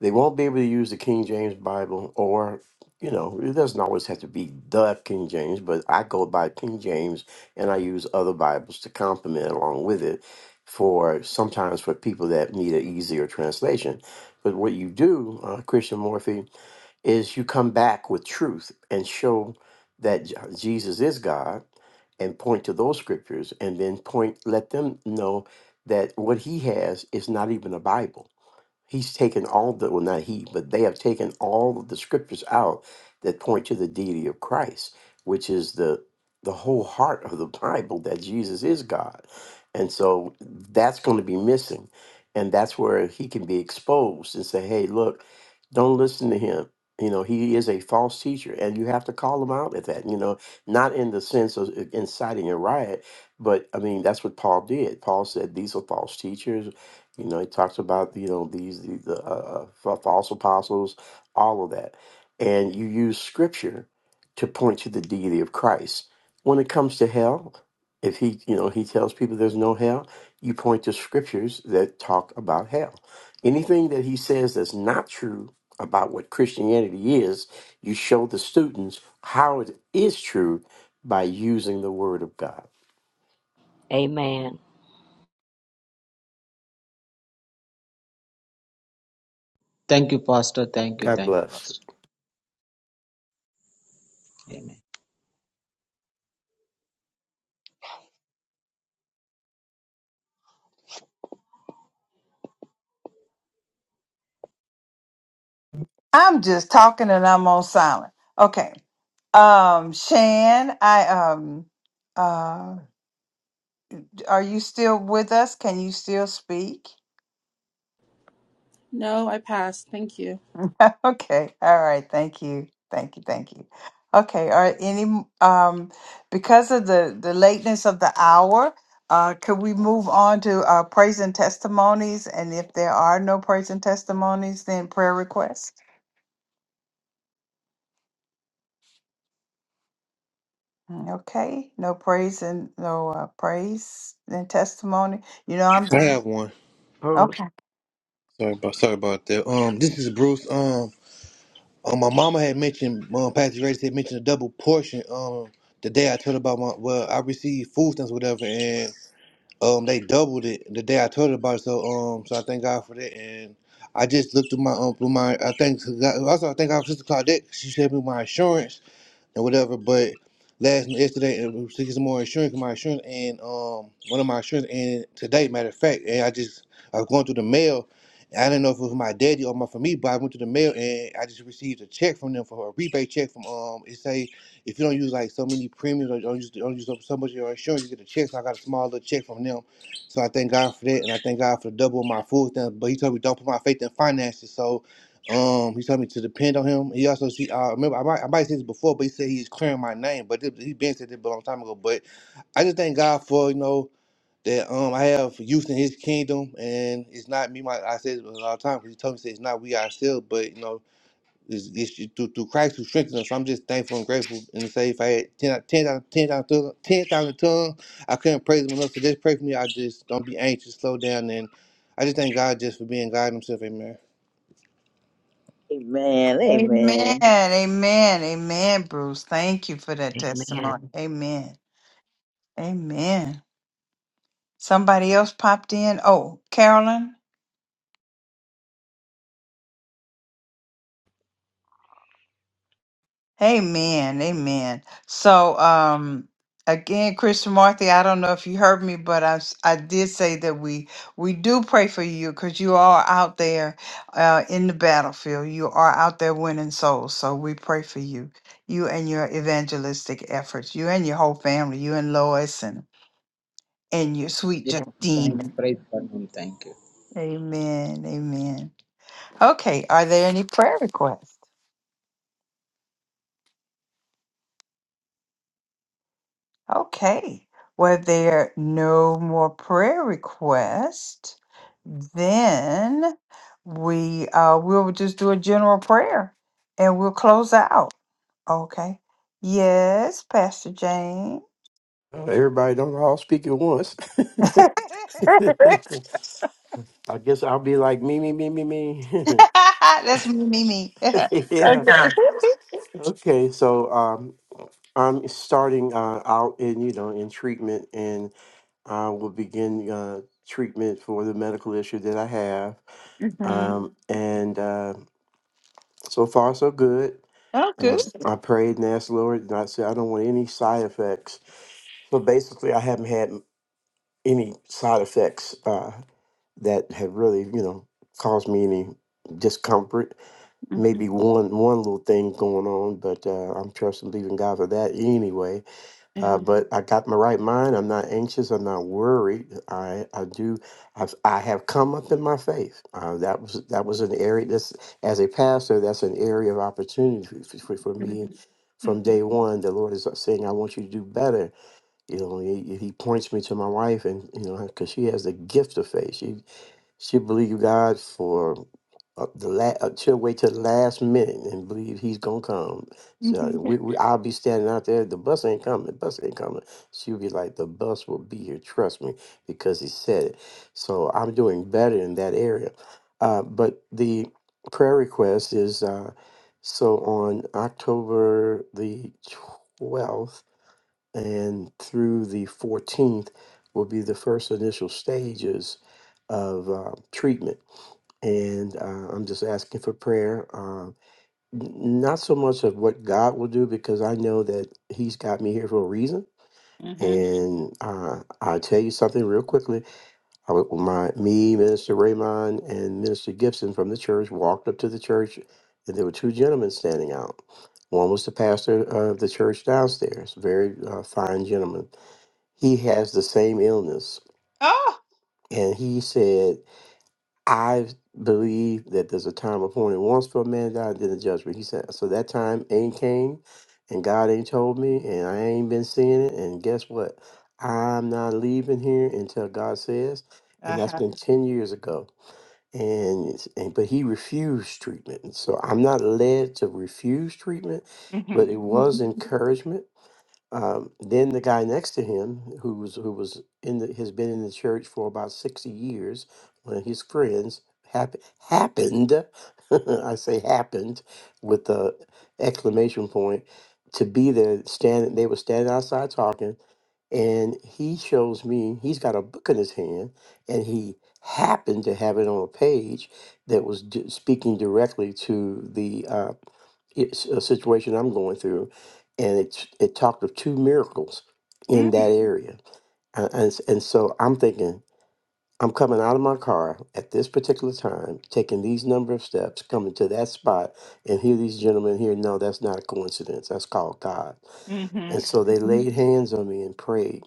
Speaker 15: they won't be able to use the king james bible or you know it doesn't always have to be the king james but i go by king james and i use other bibles to complement along with it for sometimes for people that need an easier translation but what you do uh, christian morphy is you come back with truth and show that J- jesus is god and point to those scriptures and then point let them know that what he has is not even a bible He's taken all the, well, not he, but they have taken all of the scriptures out that point to the deity of Christ, which is the the whole heart of the Bible that Jesus is God. And so that's going to be missing. And that's where he can be exposed and say, hey, look, don't listen to him. You know, he is a false teacher, and you have to call him out at that, you know, not in the sense of uh, inciting a riot, but I mean, that's what Paul did. Paul said, These are false teachers you know, he talks about you know these the, the uh, uh, false apostles, all of that, and you use scripture to point to the deity of Christ. When it comes to hell, if he you know he tells people there's no hell, you point to scriptures that talk about hell. Anything that he says that's not true about what Christianity is, you show the students how it is true by using the Word of God.
Speaker 9: Amen.
Speaker 14: Thank you, Pastor. Thank you.
Speaker 15: God
Speaker 14: Thank you,
Speaker 15: bless.
Speaker 14: Pastor. Amen.
Speaker 2: I'm just talking and I'm on silent. Okay, um, Shan, I um. uh, Are you still with us? Can you still speak?
Speaker 16: No, I passed. Thank you.
Speaker 2: Okay. All right. Thank you. Thank you. Thank you. Okay. are Any um because of the the lateness of the hour, uh could we move on to uh praise and testimonies and if there are no praise and testimonies then prayer requests? Mm, Okay. No praise and no uh, praise and testimony. You know I'm
Speaker 10: I have one.
Speaker 9: Bruce.
Speaker 2: Okay.
Speaker 10: Sorry about sorry about that. Um, this is Bruce. Um, um, my mama had mentioned, um, Pastor Grace had mentioned a double portion. Um, the day I told her about my, well, I received food stamps, or whatever, and Um, they doubled it the day I told her about it. So um, so I thank God for that. And I just looked through my um through my I think also I think our Sister Claudette. She sent me my insurance and whatever. But last yesterday, and we was taking some more insurance, my insurance, and um, one of my insurance, and today, matter of fact, and I just I was going through the mail. and I didn't know if it was my daddy or my for me, but I went to the mail and I just received a check from them for a rebate check from um. It say if you don't use like so many premiums or don't use don't use up so much of your insurance, you get a check. So I got a small little check from them. So I thank God for that, and I thank God for the double of my full thing. But He told me don't put my faith in finances, so. Um, he told me to depend on him. He also she uh, remember I might I might say this before, but he said he's clearing my name, but this, he been said this a long time ago. But I just thank God for you know that um I have use in His kingdom, and it's not me. My I said it all the time because He told me say it's not we ourselves, but you know it's, it's through, through Christ who strengthens us. So I'm just thankful and grateful, and say if I had 10 10,000 10,000 10,000 tongues, I couldn't praise Him enough. So just pray for me. I just don't be anxious, slow down, and I just thank God just for being God Himself. Amen.
Speaker 6: Amen.
Speaker 2: Amen.
Speaker 6: Amen.
Speaker 2: Amen. Amen, Bruce. Thank you for that
Speaker 9: Amen.
Speaker 2: testimony. Amen. Amen. Somebody else popped in. Oh, Carolyn. Amen. Amen. So, um, again, Christian Marthy, I don't know if you heard me, but I, s- I did say that we we do pray for you because you are out there uh, in the battlefield. You are out there winning souls. So we pray for you, you and your evangelistic efforts, you and your whole family, you and Lois and and your sweet
Speaker 14: Yes, thank you.
Speaker 2: Justine.
Speaker 14: Praise God, ma'am. Thank you.
Speaker 2: Amen. Amen. Okay. Are there any prayer requests? Okay. Were there no more prayer requests? Then we uh we'll just do a general prayer and we'll close out. Okay. Yes, Pastor Jane.
Speaker 15: Uh, Everybody don't all speak at once. I guess I'll be like me, me, me, me, me.
Speaker 2: That's me, me, me. okay.
Speaker 15: yeah. Okay. So um, I'm starting uh, out in you know in treatment, and I will begin uh, treatment for the medical issue that I have.
Speaker 2: hmm
Speaker 15: Um, and uh, so far, so good.
Speaker 2: Oh,
Speaker 15: And I,
Speaker 2: good.
Speaker 15: I prayed and asked the Lord, and I said, I don't want any side effects. So basically, I haven't had any side effects uh, that have really, you know, caused me any discomfort. maybe
Speaker 2: Mm-hmm.
Speaker 15: one one little thing going on, but uh, I'm trusting, believing God for that anyway. Uh,
Speaker 2: Mm-hmm.
Speaker 15: but I got my right mind. I'm not anxious. I'm not worried. I I do. I've, I have come up in my faith. Uh, that was that was an area. That's as a pastor, that's an area of opportunity for, for for me.
Speaker 2: Mm-hmm.
Speaker 15: From day one, the Lord is saying, "I want you to do better." You know, He, he points me to my wife, and you know, because she has the gift of faith. She she believed God for up the last uh, she'll wait till the last minute and believe he's gonna come. So
Speaker 2: Mm-hmm.
Speaker 15: we, we I'll be standing out there. The bus ain't coming. The bus ain't coming. She'll be like, the bus will be here. Trust me, because he said it. So I'm doing better in that area. Uh, but the prayer request is uh, so on October the twelfth and through the fourteenth will be the first initial stages of uh, treatment and uh, I'm just asking for prayer. Um, n- not so much of what God will do, because I know that He's got me here for a reason.
Speaker 2: Mm-hmm.
Speaker 15: And uh, I'll tell you something real quickly. I, wa- my me, Minister Raymond, and Minister Gibson from the church walked up to the church, and there were two gentlemen standing out. One was the pastor of the church downstairs, very uh, fine gentleman. He has the same illness,
Speaker 2: Oh.
Speaker 15: and he said I believe that there's a time appointed once for a man to die and then the judgment. He said, so that time ain't came and God ain't told me and I ain't been seeing it. And guess what? I'm not leaving here until God says. And that's
Speaker 2: Uh-huh.
Speaker 15: been 10 years ago. And, it's- and but he refused treatment. and So I'm not led to refuse treatment, but
Speaker 2: Mm-hmm.
Speaker 15: it was encouragement um, then the guy next to him, who was who was in the, has been in the church for about sixty years, one of his friends hap- happened, I say happened, with the exclamation point, to be there. Standing, they were standing outside talking, and he shows me he's got a book in his hand, and he happened to have it on a page that was d- speaking directly to the uh, it's a situation I'm going through, and it it talked of two miracles in
Speaker 2: Mm-hmm.
Speaker 15: that area, and and, s- and so I'm thinking I'm coming out of my car at this particular time, taking these number of steps, coming to that spot, and here these gentlemen here. No, that's not a coincidence. That's called God. And so they
Speaker 2: Mm-hmm.
Speaker 15: laid hands on me and prayed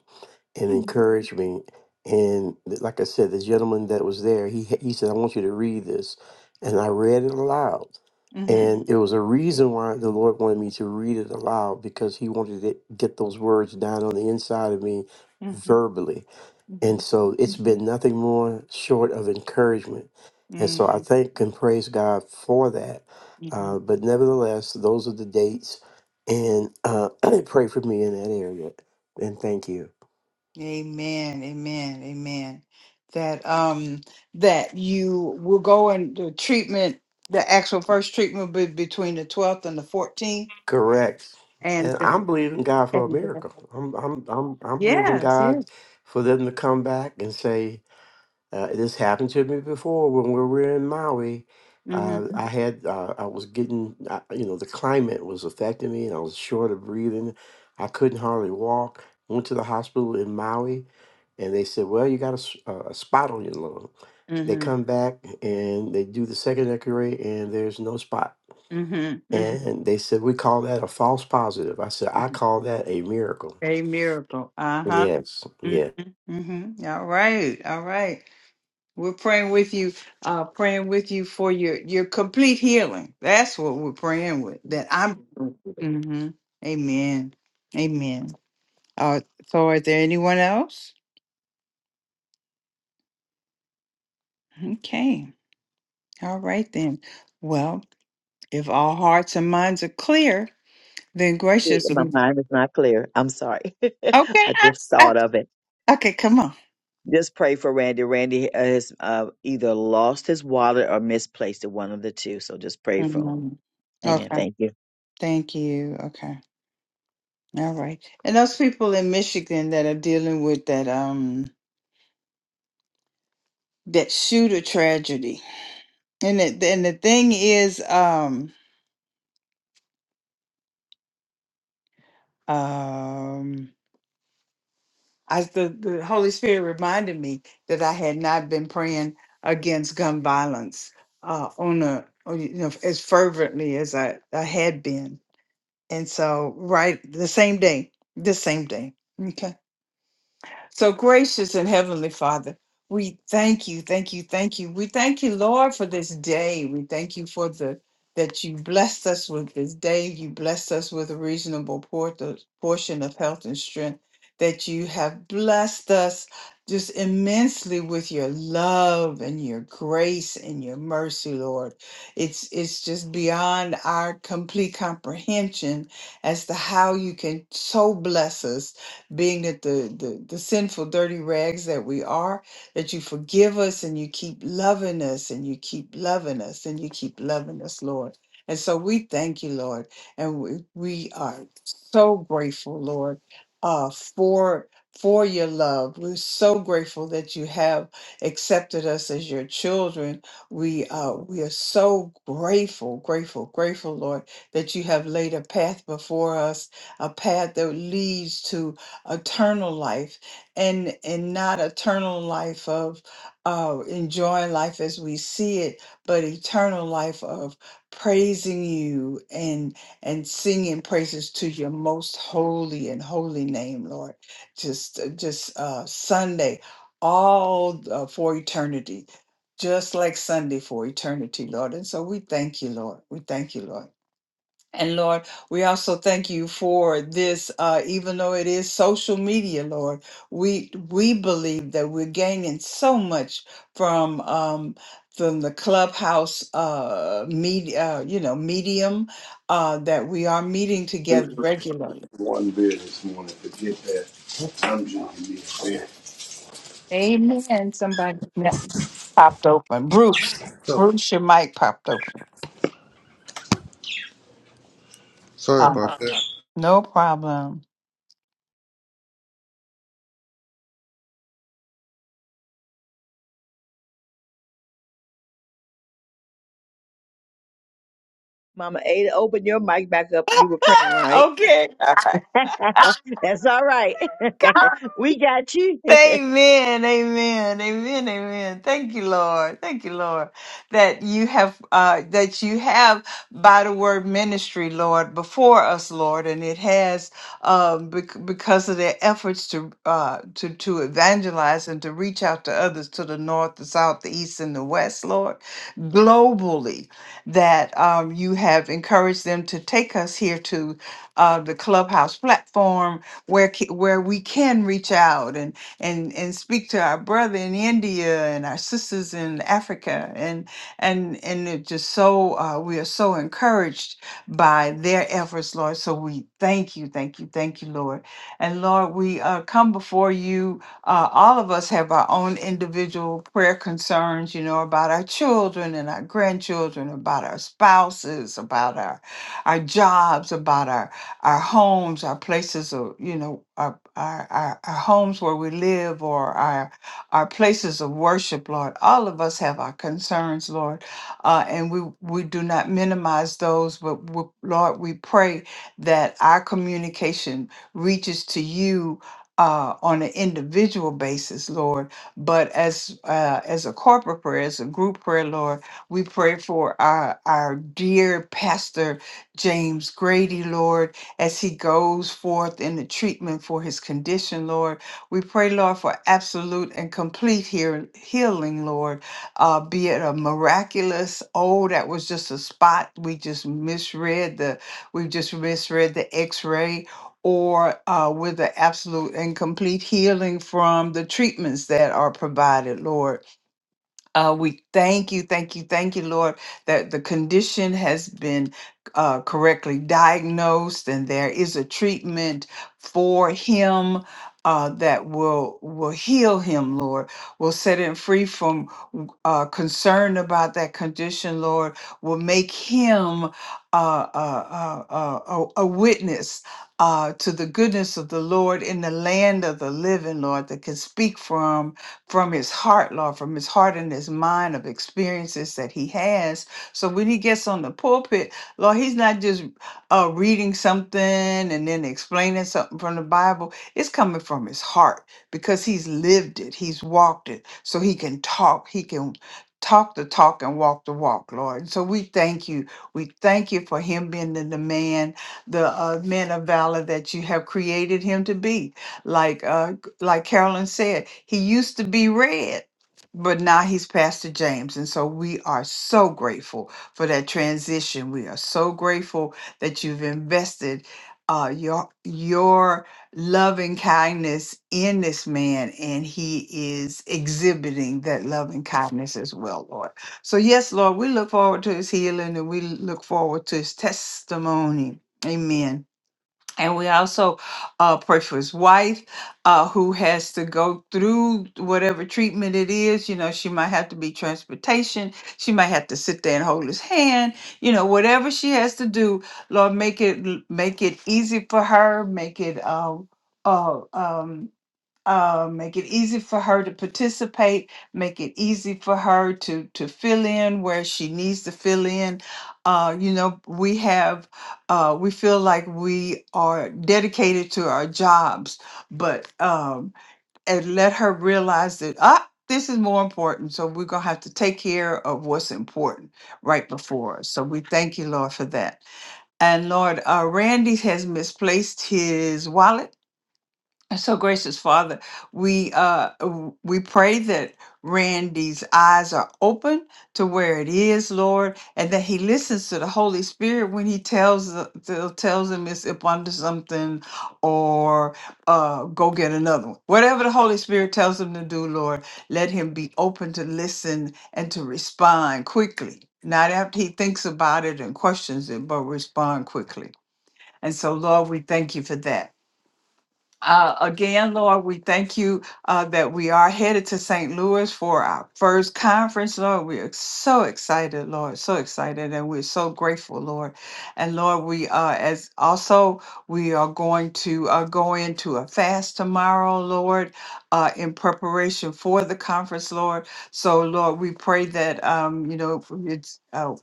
Speaker 15: and
Speaker 2: Mhm.
Speaker 15: encouraged me. And th- like I said, the gentleman that was there, he ha- he said, "I want you to read this," and I read it aloud.
Speaker 2: Mhm.
Speaker 15: And it was a reason why the Lord wanted me to read it aloud because He wanted to get those words down on the inside of me
Speaker 2: Mhm.
Speaker 15: verbally. And
Speaker 2: Mhm.
Speaker 15: so it's been nothing more short of encouragement. And so I
Speaker 2: Mhm.
Speaker 15: thank and praise God for that. Uh,
Speaker 2: Mhm.
Speaker 15: but nevertheless, those are the dates. And uh, pray for me in that area. And thank you.
Speaker 2: Amen. Amen. Amen. That um that you will go and the treatment, the actual first treatment will be between the twelfth and the fourteenth,
Speaker 15: Correct.
Speaker 2: and
Speaker 15: And I'm
Speaker 2: then-
Speaker 15: believing God for a
Speaker 2: and then-
Speaker 15: miracle. I'm I'm I'm I'm believing
Speaker 2: yes, yes.
Speaker 15: God for them to come back and say, uh, "This happened to me before when we were in Maui. Uh,
Speaker 2: Mm-hmm.
Speaker 15: I had uh, I was getting uh, you know the climate was affecting me, and I was short of breathing. I couldn't hardly walk. Went to the hospital in Maui, and they said, "Well, you got a s- uh, a spot on your lung." They
Speaker 2: Mm-hmm.
Speaker 15: come back and they do the second X-ray, and there's no spot
Speaker 2: Mm-hmm. Mm-hmm.
Speaker 15: and they said, we call that a false positive. I said, I
Speaker 2: Mm-hmm.
Speaker 15: call that a miracle.
Speaker 2: A miracle. Uh huh.
Speaker 15: Yes. Yeah.
Speaker 2: Mm-hmm. Mm-hmm. All right. All right. We're praying with you, uh, praying with you for your your complete healing. That's what we're praying with. That I'm. hmm Amen. Amen. Uh, so, is there anyone else? Okay. All right then. Well, if all hearts and minds are clear, then
Speaker 6: Shit,
Speaker 2: gracious.
Speaker 6: My
Speaker 2: Okay.
Speaker 6: mind is not clear. I'm sorry. I
Speaker 2: I,
Speaker 6: just
Speaker 2: I,
Speaker 6: thought of it.
Speaker 2: okay. Come on.
Speaker 6: Just pray for Randy. Randy has uh, either lost his wallet or misplaced it, one of the two. So just pray for
Speaker 2: Mhm.
Speaker 6: him. Amen.
Speaker 2: Okay.
Speaker 6: Thank you.
Speaker 2: Thank you. Okay. All right. And those people in Michigan that are dealing with that um that shooter tragedy And it, and the thing is, um, um, I the, the Holy Spirit reminded me that I had not been praying against gun violence uh, on a on, you know as fervently as I, I had been, and so right the same day, this same day. okay. So, gracious and heavenly Father, we thank you, thank you, thank you. We thank you, Lord, for this day. We thank you for the that you blessed us with this day. You blessed us with a reasonable por- portion of health and strength. That you have blessed us just immensely with your love and your grace and your mercy, Lord. It's it's just beyond our complete comprehension as to how you can so bless us being that the, the the sinful dirty rags that we are that you forgive us and you keep loving us and you keep loving us and you keep loving us lord and so we thank you lord and we, we are so grateful lord uh for for your love we're so grateful that you have accepted us as your children we uh we are so grateful grateful grateful lord that you have laid a path before us a path that leads to eternal life and and not eternal life of uh enjoying life as we see it but eternal life of praising you and and singing praises to your most holy and holy name lord just uh, just uh sunday all uh, for eternity just like sunday for eternity lord and so we thank you lord we thank you lord and Lord, we also thank you for this, uh, even though it is social media, Lord, we we believe that we're gaining so much from um, from the clubhouse uh, media, uh, you know, medium uh, that we are meeting together regularly.
Speaker 10: one beer this morning. Forget that. I'm drinking this beer.
Speaker 2: Amen. Somebody Yeah, popped open. Bruce, Bruce, your mic popped open. Uh, no problem.
Speaker 6: Mama Ada, open your mic back up. You were praying, right?
Speaker 2: Okay. All right.
Speaker 6: That's all right. we got you.
Speaker 2: Amen, amen, amen, amen. Thank you, Lord. Thank you, Lord, that you have uh, that you have by the word ministry, Lord, before us, Lord, and it has um, bec- because of their efforts to uh, to to evangelize and to reach out to others to the north, the south, the east, and the west, Lord, globally. That um, you have encouraged them to take us here to uh, the clubhouse platform where ca- where we can reach out and and and speak to our brother in India and our sisters in Africa and and and it just so uh, we are so encouraged by their efforts, Lord. So we thank you, thank you, thank you, Lord. And Lord, we uh, come before you. Uh, all of us have our own individual prayer concerns, you know, about our children and our grandchildren, about our spouses, about our our jobs, about our our homes, our places of, you know, our, our, our, our homes where we live or our, our places of worship, Lord. All of us have our concerns, Lord. Uh, and we, we do not minimize those, but we, Lord, we pray that our communication reaches to you uh, on an individual basis, Lord, but as uh, as a corporate prayer, as a group prayer, Lord, we pray for our our dear pastor James Grady, Lord as he goes forth in the treatment for his condition, Lord. We pray, Lord, for absolute and complete hear- healing, Lord. Uh, be it a miraculous, oh, that was just a spot. We just misread the, we just misread the x-ray. Or uh, with the absolute and complete healing from the treatments that are provided, Lord. Uh, we thank you, thank you, thank you, Lord, that the condition has been uh, correctly diagnosed and there is a treatment for him uh, that will will heal him, Lord. Will set him free from uh, concern about that condition, Lord. Will make him uh, uh, uh, uh, a, a witness. Uh, to the goodness of the Lord in the land of the living, Lord, that can speak for him from his heart, Lord, from his heart and his mind of experiences that he has. So when he gets on the pulpit, Lord, he's not just uh, reading something and then explaining something from the Bible. It's coming from his heart because he's lived it, he's walked it. So he can talk, he can talk the talk and walk the walk, Lord. And so we thank you. We thank you for him being the, the man, the uh, man of valor that you have created him to be. Like uh, like Carolyn said, he used to be red, but now he's Pastor James. And so we are so grateful for that transition. We are so grateful that you've invested uh, your your loving kindness in this man, and he is exhibiting that loving kindness as well, Lord. So yes, Lord, we look forward to his healing, and we look forward to his testimony. Amen. And we also uh, pray for his wife uh, who has to go through whatever treatment it is. You know, she might have to be transportation. She might have to sit there and hold his hand. You know, whatever she has to do, Lord, make it make it easy for her. Make it uh, uh, um, uh, make it easy for her to participate, make it easy for her to to fill in where she needs to fill in. Uh, you know, we have uh, we feel like we are dedicated to our jobs, but um, and let her realize that ah, this is more important. So we're gonna have to take care of what's important right before us. So we thank you, Lord, for that. And Lord, uh, Randy has misplaced his wallet so gracious Father, we uh w- we pray that Randy's eyes are open to where it is, Lord, and that he listens to the Holy Spirit when he tells the, the- tells him it's up under something or uh go get another one. Whatever the Holy Spirit tells him to do, Lord, let him be open to listen and to respond quickly. Not after he thinks about it and questions it, but respond quickly. And so, Lord, we thank you for that. Uh, again, Lord, we thank you uh, that we are headed to St. Louis for our first conference, Lord. We are so excited, Lord, so excited, and we're so grateful, Lord. And Lord, we uh, as also we are going to uh, go into a fast tomorrow, Lord, uh, in preparation for the conference, Lord. So, Lord, we pray that um, you know it's uh,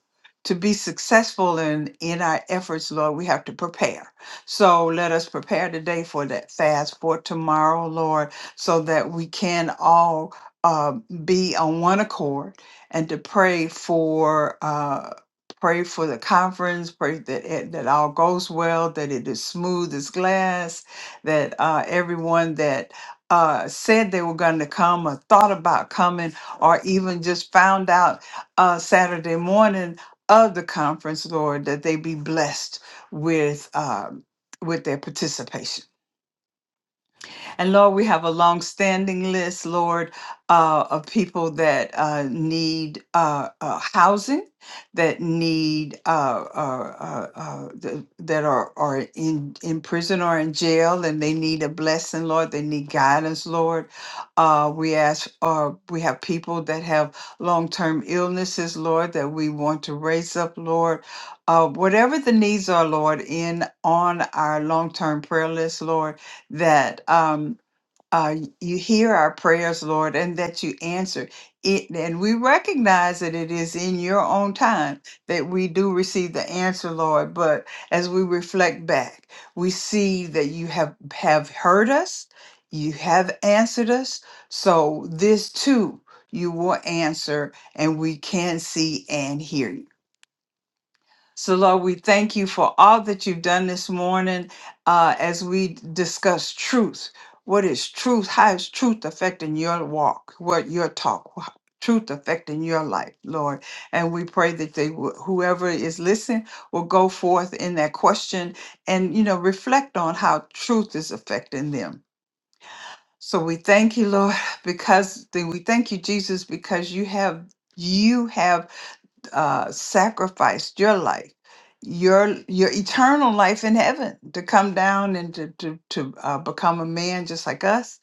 Speaker 2: to be successful in in our efforts, Lord. We have to prepare. So let us prepare today for that fast for tomorrow, Lord, so that we can all uh, be on one accord and to pray for. Uh, Pray for the conference. Pray that it, that all goes well. That it is smooth as glass. That uh, everyone that uh, said they were going to come, or thought about coming, or even just found out uh, Saturday morning of the conference, Lord, that they be blessed with. Uh, with their participation. And Lord, we have a long-standing list, Lord, uh, of people that uh, need uh, uh, housing, that need uh, uh, uh, uh, th- that are are in in prison or in jail, and they need a blessing, Lord. They need guidance, Lord. Uh, we ask, uh, we have people that have long-term illnesses, Lord, that we want to raise up, Lord. Uh, whatever the needs are, Lord, in on our long-term prayer list, Lord that um, uh, you hear our prayers, Lord, and that you answer it. And we recognize that it is in your own time that we do receive the answer, Lord. But as we reflect back, we see that you have, have heard us, you have answered us. So this too, you will answer, and we can see and hear you. So, Lord, we thank you for all that you've done this morning uh, as we discuss truth. What is truth? How is truth affecting your walk? What your talk? wha- Truth affecting your life, Lord. And we pray that they, will- whoever is listening, will go forth in that question and you know reflect on how truth is affecting them. So we thank you, Lord, because we thank you, Jesus, because you have you have uh, sacrificed your life, your your eternal life in heaven, to come down and to to to uh, become a man just like us,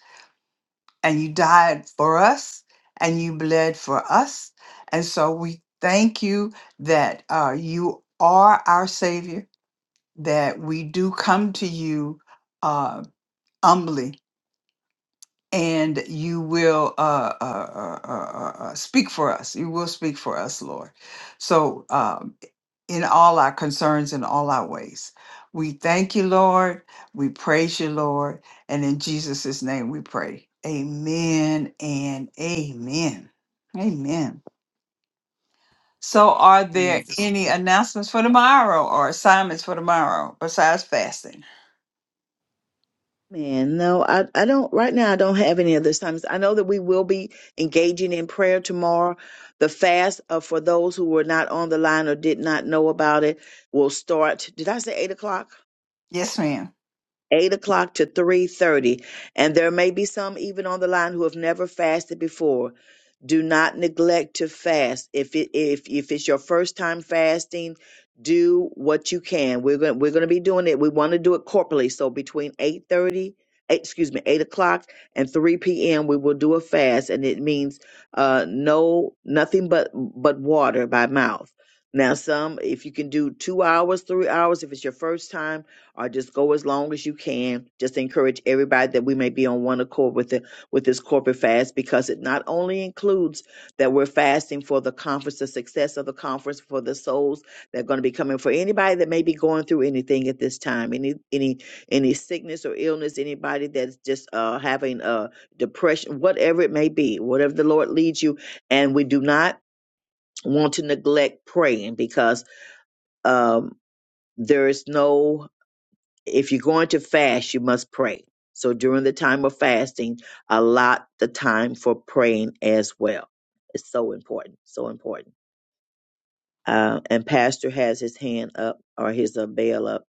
Speaker 2: and you died for us, and you bled for us, and so we thank you that uh, you are our Savior, that we do come to you uh, humbly. And you will uh, uh, uh, uh, uh, uh, speak for us. You will speak for us, Lord. So, Um, in all our concerns and all our ways. We thank you, Lord. We praise you, Lord. And in Jesus' name we pray. Amen and amen. Amen. So, are there
Speaker 9: Mm.
Speaker 2: any announcements for tomorrow or assignments for tomorrow besides fasting?
Speaker 6: Man, no, I, I don't, right now, I don't have any of those times. I know that we will be engaging in prayer tomorrow. The fast uh, for those who were not on the line or did not know about it will start. Did I say eight o'clock?
Speaker 2: Yes, ma'am.
Speaker 6: 8 o'clock to 3.30 and there may be some even on the line who have never fasted before do not neglect to fast if it if if it's your first time fasting do what you can we're going we're going to be doing it we want to do it corporately so between 8.30 excuse me 8 o'clock and 3 p.m we will do a fast and it means uh no nothing but but water by mouth now some if you can do two hours three hours if it's your first time or just go as long as you can. Just encourage everybody that we may be on one accord with the with this corporate fast because it not only includes that we're fasting for the conference, the success of the conference, for the souls that are going to be coming, for anybody that may be going through anything at this time, any any any sickness or illness, anybody that's just uh, having uh, depression, whatever it may be, whatever the Lord leads you, and we do not want to neglect praying because um, there is no if you're going to fast, you must pray. So during the time of fasting, allot the time for praying as well. It's so important, so important. Uh, and Pastor has his hand up or his uh, bell up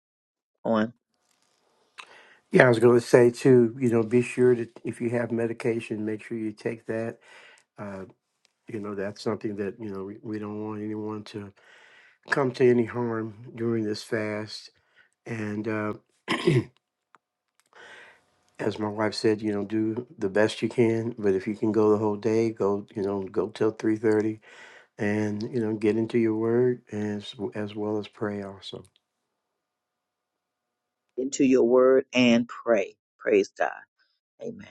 Speaker 6: on
Speaker 15: Yeah, I was going to say too, you know, be sure that if you have medication, make sure you take that. Uh, you know, that's something that, you know, we, we don't want anyone to come to any harm during this fast. And uh, as my wife said, you know, do the best you can. But if you can go the whole day, go, you know, go till 3.30 and, you know, get into your word as, as well as pray also.
Speaker 6: into your word and pray. Praise God. Amen.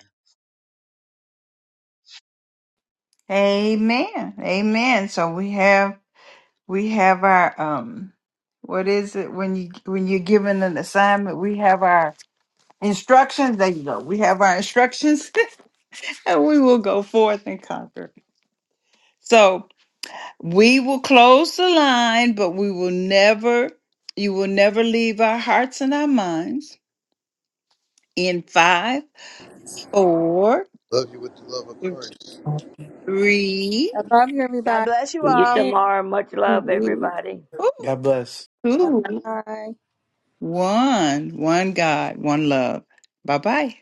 Speaker 2: Amen. Amen. So we have we have our um what is it when you when you're given an assignment, we have our instructions. There you go. We have our instructions and we will go forth and conquer. So we will close the line, but we will never you will never leave our hearts and our minds in five, four,
Speaker 10: Love you with the love of Christ.
Speaker 2: three,
Speaker 1: I love you,
Speaker 6: God
Speaker 1: everybody.
Speaker 6: bless you
Speaker 9: See you
Speaker 6: all.
Speaker 9: tomorrow. Much love,
Speaker 2: two,
Speaker 9: everybody.
Speaker 15: God bless.
Speaker 1: Bye.
Speaker 2: One, one God, one love. Bye bye.